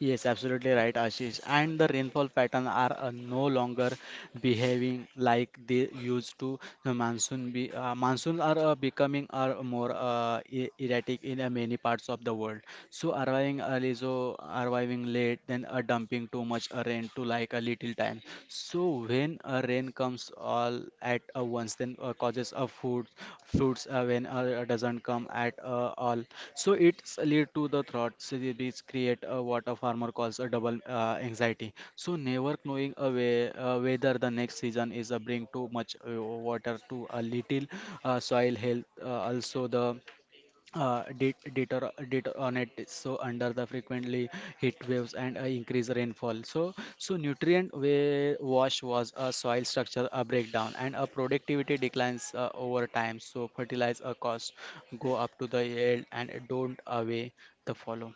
S2: Yes, absolutely right, Ashish. And the rainfall pattern are no longer behaving like they used to. The monsoons are becoming are more erratic in many parts of the world. So arriving early, so arriving late, then dumping too much rain to like a little time. So when rain comes all at a once, then causes a food fruits when doesn't come at all, so it's lead to the thought. So these create what a farmer calls a double anxiety, so never knowing a way, whether the next season is a bring too much water to a little soil health also the deteriorate. So under the frequently heat waves and increased rainfall, so so nutrient wash was a soil structure a breakdown and a productivity declines over time. So fertilizer costs go up to the yield and don't away the follow.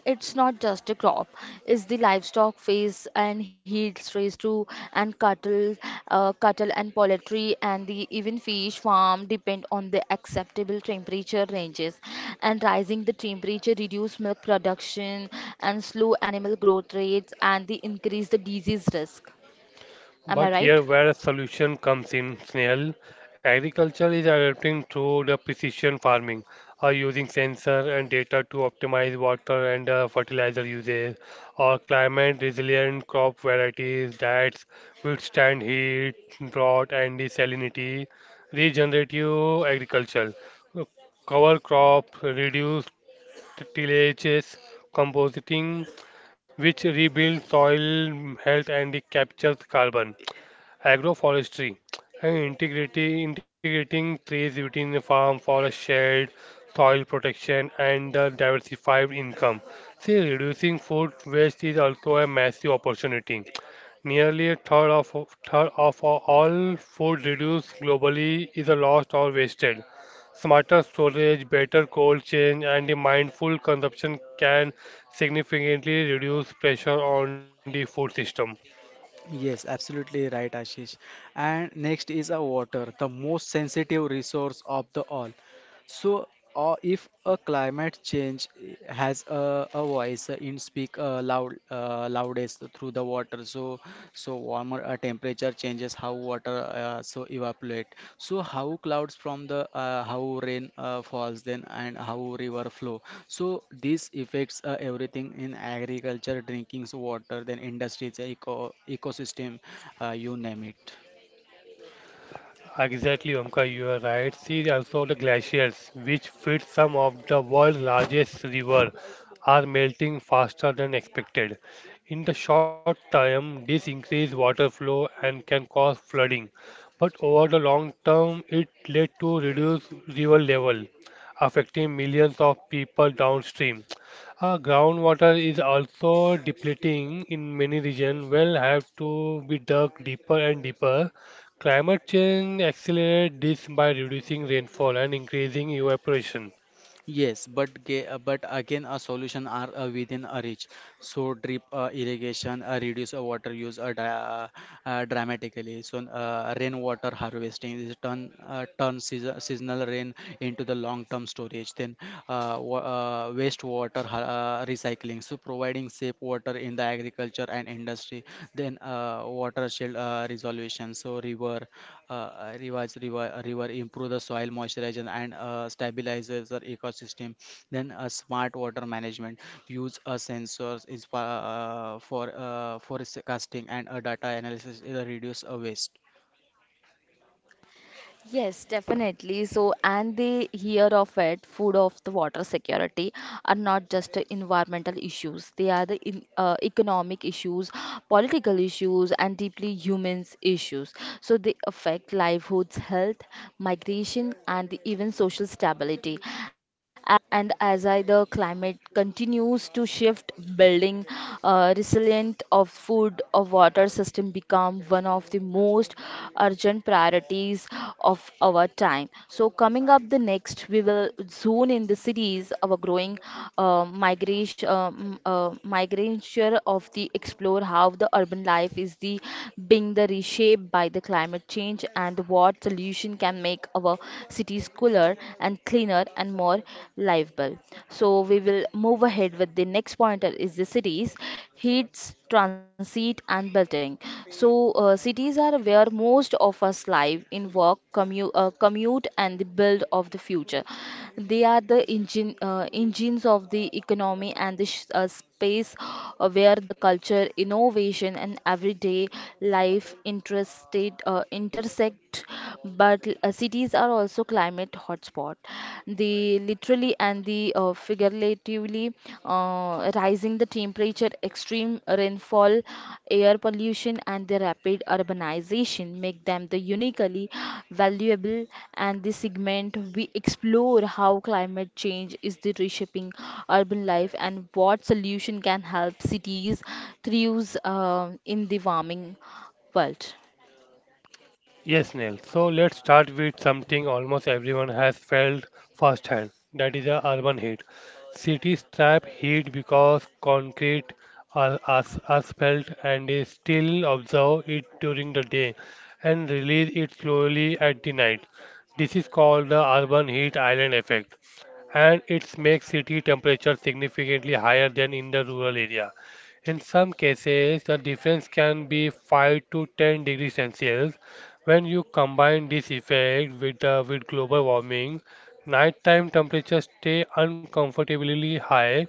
S1: And it's not just a crop, it's the livestock face and heat raised to and cattle, cattle and poultry and the even fish farm depend on the acceptable temperature ranges, and rising the temperature reduce milk production and slow animal growth rates and the increase the disease risk. Am I
S3: But
S1: right?
S3: here where a solution comes in, Snail, agriculture is adapting through the precision farming, or using sensor and data to optimize water and fertilizer usage, or climate resilient crop varieties that withstand heat, drought, and the salinity, regenerative agriculture, uh, cover crop, reduce tillages, compositing, which rebuild soil health and it captures carbon. Agroforestry and integrating trees within the farm for a shade, soil protection, and a diversified income. See, reducing food waste is also a massive opportunity. Nearly a third of all food reduced globally is lost or wasted. Smarter storage, better cold chain, and the mindful consumption can significantly reduce pressure on the food system.
S2: Yes, absolutely right, Ashish. And next is a water, the most sensitive resource of the all. So, if a climate change has a voice in speak loud loudest through the water. So so warmer a temperature changes how water so evaporate, so how clouds from the how rain falls then, and how river flow. So this affects everything in agriculture drinking water, then industries ecosystem, you name it.
S3: Exactly, Omkar, you are right. See also the glaciers, which feed some of the world's largest river, are melting faster than expected. In the short term, this increases water flow and can cause flooding, but over the long term, it led to reduced river level, affecting millions of people downstream. Groundwater is also depleting in many regions. Wells have to be dug deeper and deeper. Climate change accelerates this by reducing rainfall and increasing evaporation.
S2: Yes, but but again, a solution are within a reach. So drip irrigation, reduce water use dramatically. So rainwater harvesting is turn season, seasonal rain into the long-term storage. Then wastewater recycling. So providing safe water in the agriculture and industry. Then watershed resolution. So river rivers river river improve the soil moisturization and stabilizes the ecosystem. Then smart water management use sensors is forecasting and data analysis is reduce waste.
S1: Yes, definitely. So, and they hear of it, food of the water security are not just the environmental issues. They are the economic issues, political issues, and deeply humans issues. So they affect livelihoods, health, migration, and even social stability. As and as I, the climate continues to shift, building resilient of food of water system become one of the most urgent priorities of our time. So coming up the next, we will zone in the cities, our growing migration of the explore how the urban life is the being the reshaped by the climate change and what solution can make our cities is cooler and cleaner and more livable. So we will move ahead with the next pointer is the cities, heats, transit and building. So cities are where most of us live in work, commute and the build of the future. They are the engines of the economy and the space where the culture, innovation and everyday intersect, but cities are also climate hotspot. The literally and the figuratively rising the temperature, extreme rainfall, air pollution, and the rapid urbanization make them the uniquely valuable. And this segment we explore how climate change is the reshaping urban life and what solution can help cities thrive in the warming world.
S3: Yes, Neil. So let's start with something almost everyone has felt firsthand. That is the urban heat. Cities trap heat because concrete, asphalt, and they still absorb it during the day and release it slowly at the night. This is called the urban heat island effect, and it makes city temperature significantly higher than in the rural area. In some cases, the difference can be 5 to 10 degrees Celsius, when you combine this effect with global warming, nighttime temperatures stay uncomfortably high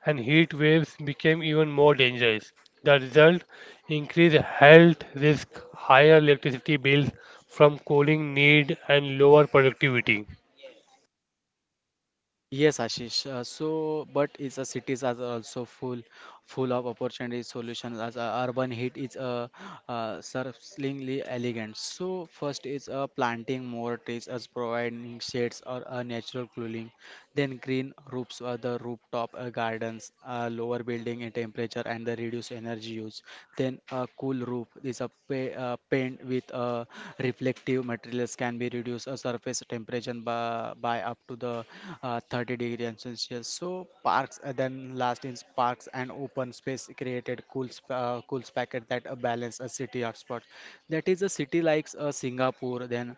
S3: and heat waves become even more dangerous. The result increased health risk, higher electricity bills from cooling need, and lower productivity.
S2: Yes, Ashish. So, but it's a cities are also full of opportunities, solutions. As a urban heat is a surprisingly elegant. So, first is planting more trees as providing shades or a natural cooling. Then green roofs, the rooftop gardens, lower building in temperature and the reduce energy use. Then a cool roof is a paint with reflective materials can be reduced a surface temperature by up to the 30 degree and Celsius. So parks then last is parks and open space created cool cool packet that balance a city hotspot. That is a city like Singapore, then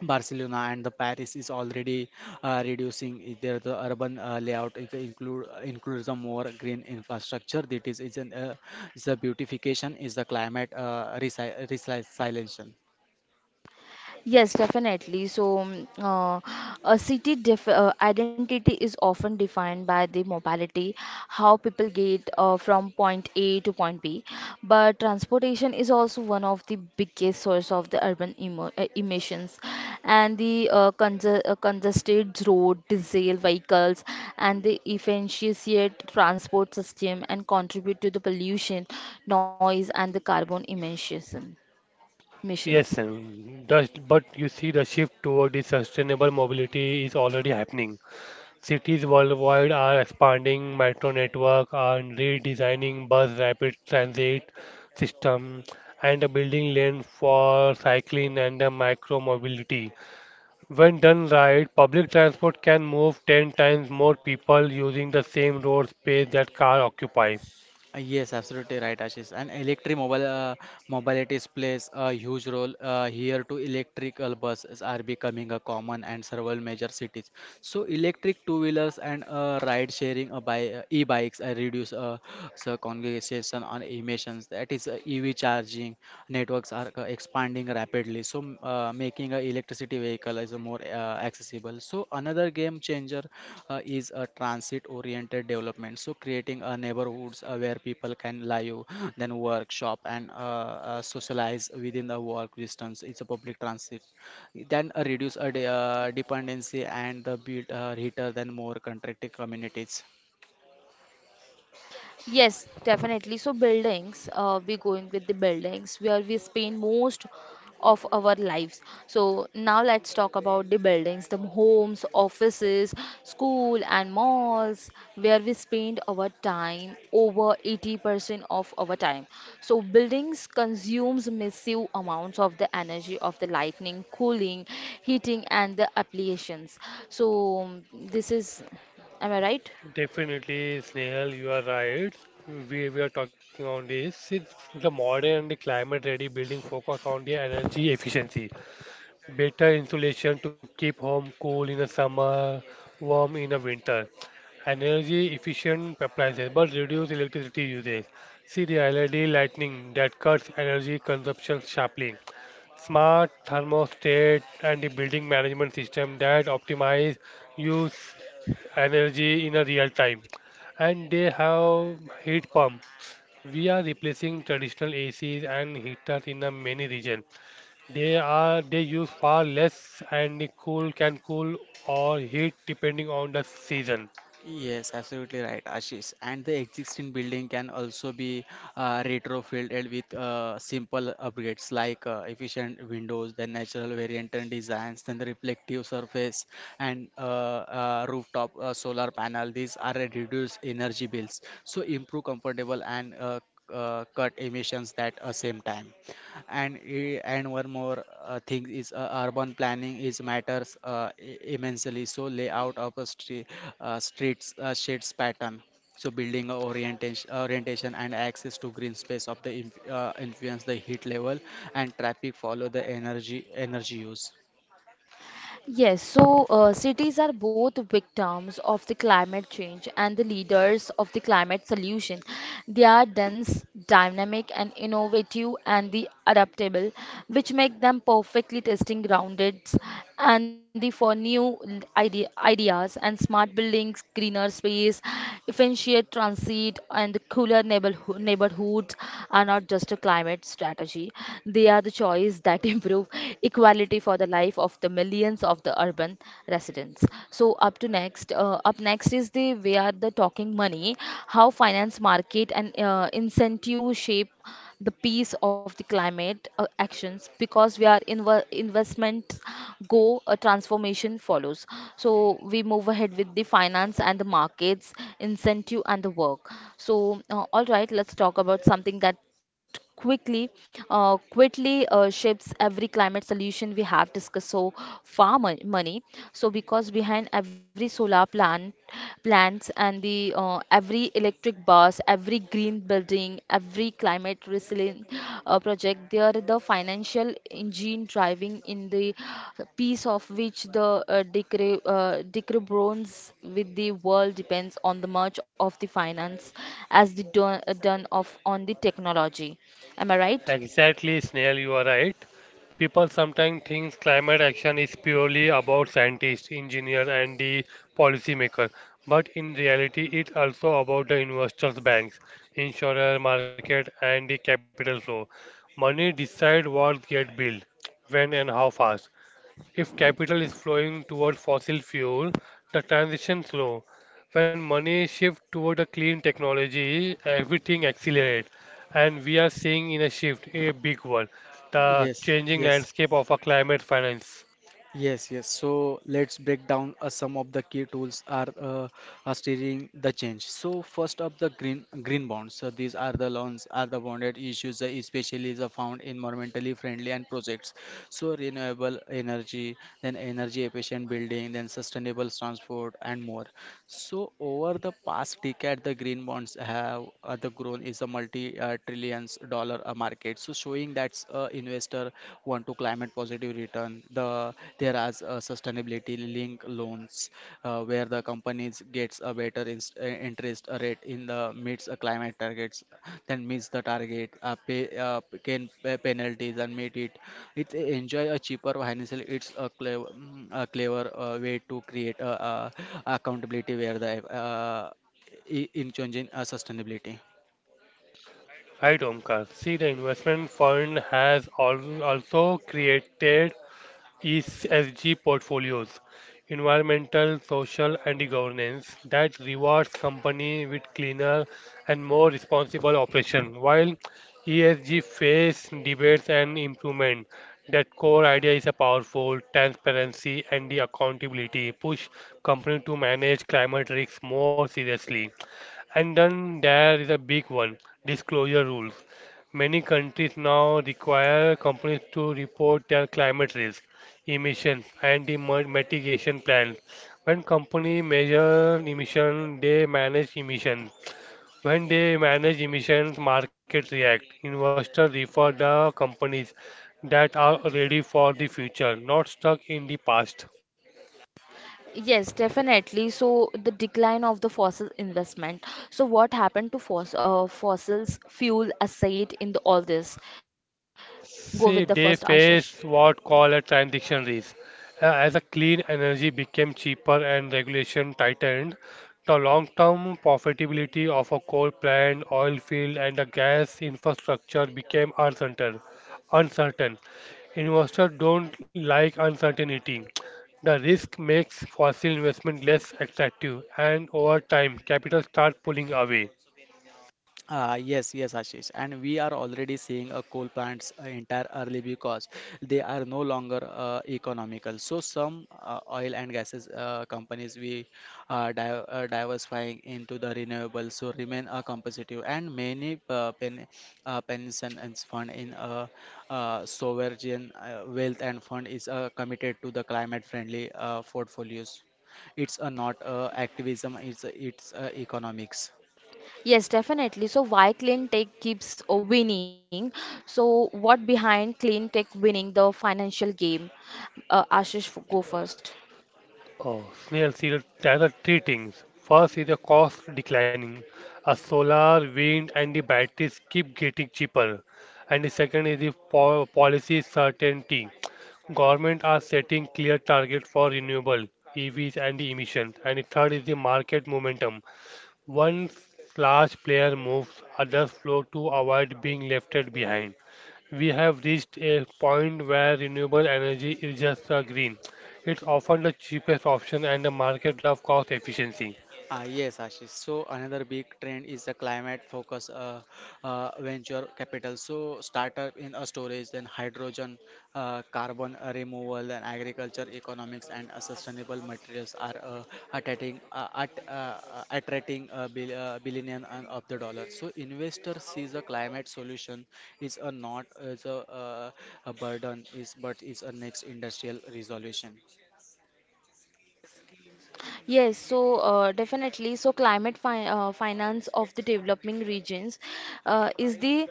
S2: Barcelona and the Paris is already reducing their the urban layout. It includes the more green infrastructure. That is an is the beautification is the climate resilience.
S1: Yes, definitely. So, a city def identity is often defined by the mobility, how people get from point A to point B. But transportation is also one of the biggest source of the urban emo emissions, and the congested road, diesel vehicles, and the inefficient transport system, and contribute to the pollution, noise, and the carbon emissions.
S3: Yes, but you see the shift toward the sustainable mobility is already happening. Cities worldwide are expanding metro network and redesigning bus rapid transit system and a building lanes for cycling and a micro mobility. When done right, public transport can move 10 times more people using the same road space that car occupies.
S2: Yes, absolutely right, Ashish. And electric mobile mobilities plays a huge role here too. Electrical buses are becoming a common and several major cities. So electric two-wheelers and ride-sharing by e-bikes reduce so congregation on emissions. That is EV charging networks are expanding rapidly, so making a electricity vehicle is a more accessible. So another game changer is a transit-oriented development. So creating a neighborhoods where people can live, then work, shop, and socialize within the walk distance. It's a public transit. Then reduce a dependency and the build heater than more contracted communities.
S1: Yes, definitely. So buildings, we going with the buildings where we spend most of our lives. So now let's talk about the buildings, the homes, offices, school and malls where we spend our time over 80% of our time. So buildings consumes massive amounts of the energy of the lighting, cooling, heating and the applications. So this is, am I right?
S3: Definitely, Snehal, you are right. We are talking on this. Since the modern and the climate ready building focus on the energy efficiency better insulation to keep home cool in the summer, warm in the winter, and energy efficient appliances but reduce electricity usage. See the LED lighting that cuts energy consumption sharply. Smart thermostat and the building management system that optimize use energy in a real time. And they have heat pump. We are replacing traditional ACs and heaters in a many regions. They are they use far less and they can cool or heat depending on the season.
S2: Yes, absolutely right, Ashish. And the existing building can also be retrofitted with simple upgrades like efficient windows, then natural variant and designs, then the reflective surface and rooftop solar panel. These are a reduced energy bills, so improve comfortable and cut emissions at the same time and and one more thing is urban planning is matters immensely, so layout of a streets shades pattern, so building orientation and access to green space of the influence the heat level, and traffic follow the energy use.
S1: Yes, so cities are both victims of the climate change and the leaders of the climate solution. They are dense, dynamic, and innovative, and the adaptable, which make them perfectly testing grounded and the for new ideas and smart buildings, greener space, efficient transit, and the neighborhoods are not just a climate strategy; they are the choice that improve equality responsibility for the life of the millions of the urban residents. So up to next, up next is the we are the talking money, how finance market and incentive shape the piece of the climate actions, because we are investments go a transformation follows. So we move ahead with the finance and the markets incentive and the work. So all right, let's talk about something that quickly shapes every climate solution we have discussed so far, money. So because behind every solar plants and the every electric bus, every green building, every climate resilient project. They are the financial engine driving in the piece of which the decrebons with the world depends on the much of the finance as the done of on the technology. Am I right?
S3: Exactly, Snail, you are right. People sometimes think climate action is purely about scientists, engineers, and the policymaker, but in reality, it's also about the investors, banks, insurer, market, and the capital flow. Money decide what get built, when, and how fast. If capital is flowing toward fossil fuel, the transition slow. When money shifts toward a clean technology, everything accelerates. And we are seeing in a shift, a big one, the
S2: yes
S3: changing
S2: yes
S3: landscape of our climate finance.
S2: Yes, yes. So let's break down some of the key tools are steering the change. So first up the green bonds. So these are the loans are the bonded issues, especially the found environmentally friendly and projects. So renewable energy, then energy efficient building, then sustainable transport and more. So over the past decade, the green bonds have the grown is a multi trillions dollar amount market, so showing that investor want to climate positive return the there are sustainability link loans where the companies gets a better interest rate in the meets climate targets, then meets the target pay can pay penalties and meet it enjoy a cheaper financial. It's a clever, a clever way to create a accountability where the uh, in changing sustainability.
S3: Right, Omkar. See, the investment fund has also created ESG portfolios, environmental, social, and governance, that rewards company with cleaner and more responsible operation. While ESG face debates and improvement, that core idea is a powerful transparency and the accountability push company to manage climate risks more seriously. And then there is a big one, disclosure rules. Many countries now require companies to report their climate risk, emissions, and the mitigation plans. When companies measure emissions, they manage emissions. When they manage emissions, markets react. Investors refer the companies that are ready for the future, not stuck in the past.
S1: Yes, definitely. So the decline of the fossil investment. So what happened to fossils fuel asset in the, all this? Go with the first,
S3: See,
S1: Ashish.
S3: they face what call a transition risk. As a clean energy became cheaper and regulation tightened, the long-term profitability of a coal plant, oil field, and a gas infrastructure became uncertain. Uncertain. Investors don't like uncertainty. The risk makes fossil investment less attractive, and over time, capital start pulling away.
S2: Ah, yes, yes, Ashish. And we are already seeing coal plants entire early because they are no longer economical. So some oil and gases companies we are di diversifying into the renewables so remain competitive. And many pension and fund in sovereign wealth and fund is committed to the climate friendly portfolios. It's not activism, it's economics.
S1: Yes, definitely. So why clean tech keeps winning? So what behind clean tech winning the financial game? Ashish, go first.
S3: Oh, snail seals there are three things. First is the cost declining, as solar, wind, and the batteries keep getting cheaper. And the second is the po policy certainty. Government are setting clear targets for renewable EVs and the emissions. And the third is the market momentum. Once large player moves, others flow to avoid being left behind. We have reached a point where renewable energy is just a green. It's often the cheapest option and the market love cost efficiency.
S2: Ah, yes, Ashish. So another big trend is the climate focus venture capital. So startup in a storage, then hydrogen, carbon removal, and agriculture economics and sustainable materials are attracting uh, at, uh, attracting a billion and of the dollar. So investor sees a climate solution is a not is a burden is but is a next industrial resolution.
S1: Yes, so definitely. So climate fi finance of the developing regions is the,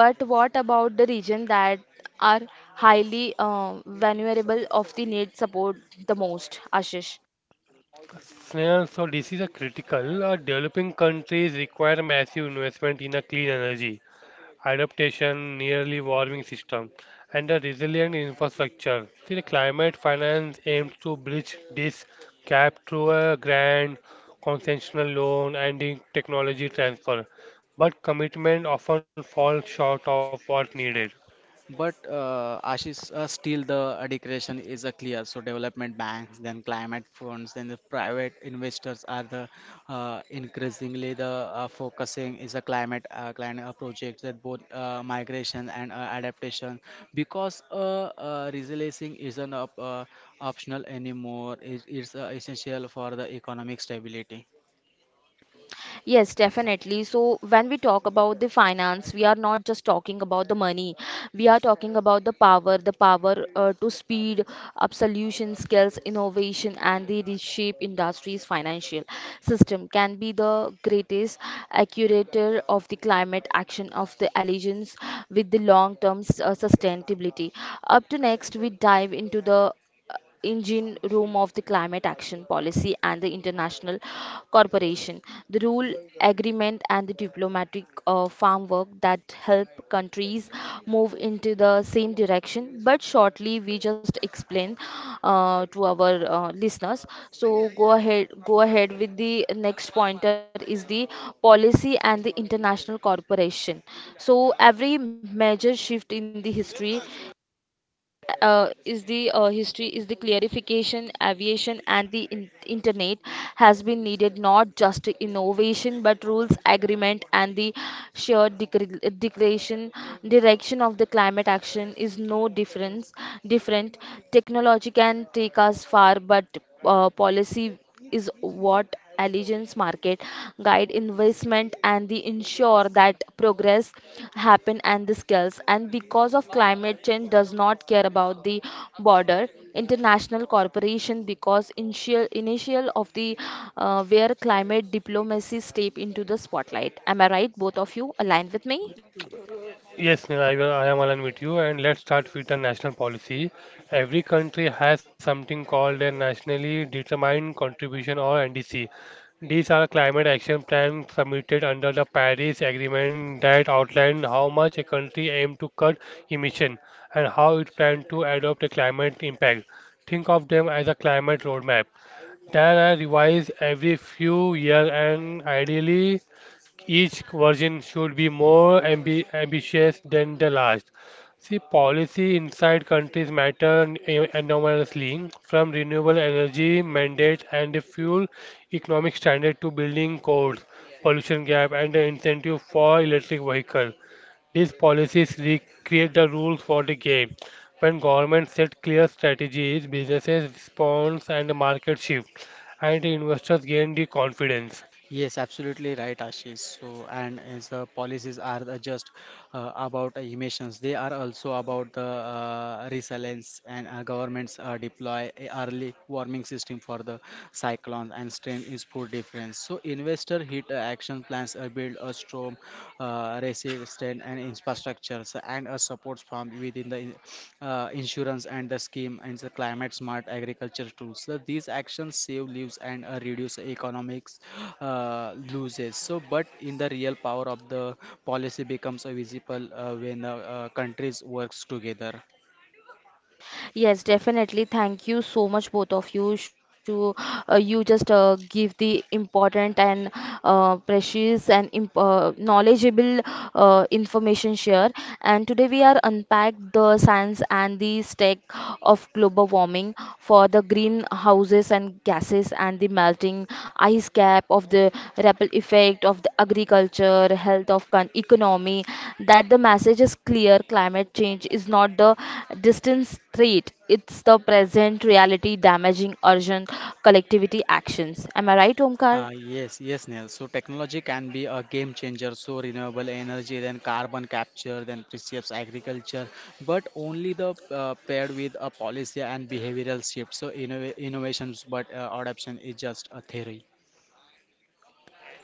S1: but what about the region that are highly vulnerable of the need support the most, Ashish?
S3: Yeah, so this is a critical. Developing countries require massive investment in a clean energy. Adaptation, nearly warming system, and a resilient infrastructure. See, the climate finance aims to bridge this gap through a grant, concessional loan, and in technology transfer, but commitment often falls short of what needed.
S2: But Ashish, still the dedication is a clear. So development banks, then climate funds, then the private investors are the increasingly the focusing is a climate climate projects that both migration and adaptation because resiliency isn't optional anymore. It's essential for the economic stability.
S1: Yes, definitely. So, when we talk about the finance, we are not just talking about the money. We are talking about the power to speed up solution skills, innovation, and the reshape industries' financial system can be the greatest accurator of the climate action of the allegiance with the sustainability. Up to next, we dive into the engine room of the climate action policy and the international corporation, the rule agreement and the diplomatic farm work that help countries move into the same direction. But shortly we just explain to our listeners, so go ahead, go ahead with the next pointer is the policy and the international corporation. So every major shift in the history is the history is the clarification aviation and the internet has been needed not just innovation but rules agreement and the declaration direction of the climate action is no difference different. Technology can take us far, but policy is what allegiance market guide investment and the ensure that progress happen and the skills, and because of climate change does not care about the border international corporation, because initial of the where climate diplomacy step into the spotlight. Am I right, both of you aligned with me?
S3: Yes, Neha, I am aligned with you, and let's start with the national policy. Every country has something called a nationally determined contribution or NDC. These are climate action plans submitted under the Paris Agreement that outline how much a country aims to cut emission and how it plans to adopt a climate impact. Think of them as a climate roadmap. They are revised every few years and ideally each version should be more ambitious than the last. See, policy inside countries matter enormously, from renewable energy mandates and the fuel economic standard to building codes, pollution gap, and the incentive for electric vehicles. These policies create the rules for the game. When governments set clear strategies, businesses respond and the market shift, and investors gain the confidence.
S2: Yes, absolutely right, Ashish. So, and as the policies are the just about emissions, they are also about the resilience, and governments deploy a early warming system for the cyclones and strain is food difference. So, investor hit action plans build a storm resilience impressive strength and infrastructures and a support from within the insurance and the scheme and the climate smart agriculture tools. So these actions save lives and reduce economics loses. So, but in the real power of the policy becomes visible when countries works together.
S1: Yes, definitely. Thank you so much, both of you. Shu, you just give the important and precious and imp knowledgeable information share. And today we are unpack the science and the tech of global warming for the greenhouses and gases and the melting ice cap of the ripple effect of the agriculture, health of economy, that the message is clear: climate change is not the distant threat, it's the present reality damaging urgent collectivity actions. Am I right, Omkar?
S2: Yes, yes, Neil. So technology can be a game changer. So renewable energy, then carbon capture, then preserves agriculture, but only the paired with a policy and behavioral shift. So innovations, but adoption is just a theory.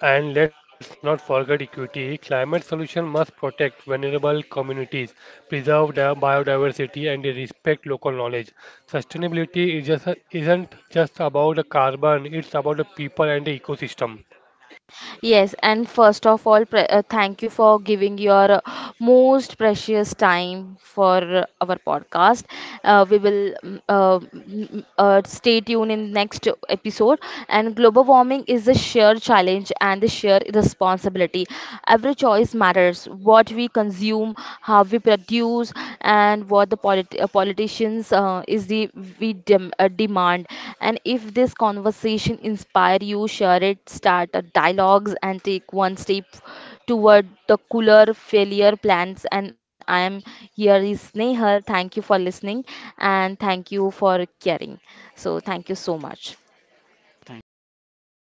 S3: And let's not forget equity. Climate solution must protect vulnerable communities, preserve the biodiversity, and respect local knowledge. Sustainability isn't just about the carbon, it's about the people and the ecosystem.
S1: Yes, and first of all, thank you for giving your most precious time for our podcast. We will stay tuned in next episode. And global warming is a shared challenge and the shared responsibility. Every choice matters. What we consume, how we produce, issues and what the politicians is the we demand. And if this conversation inspire you, share it, start a dialogues, and take one step toward the cooler failure plans. And I am here is Snehal. Thank you for listening, and thank you for caring. So thank you so much.
S2: Thank
S3: Thank you,
S2: you.
S3: Snail.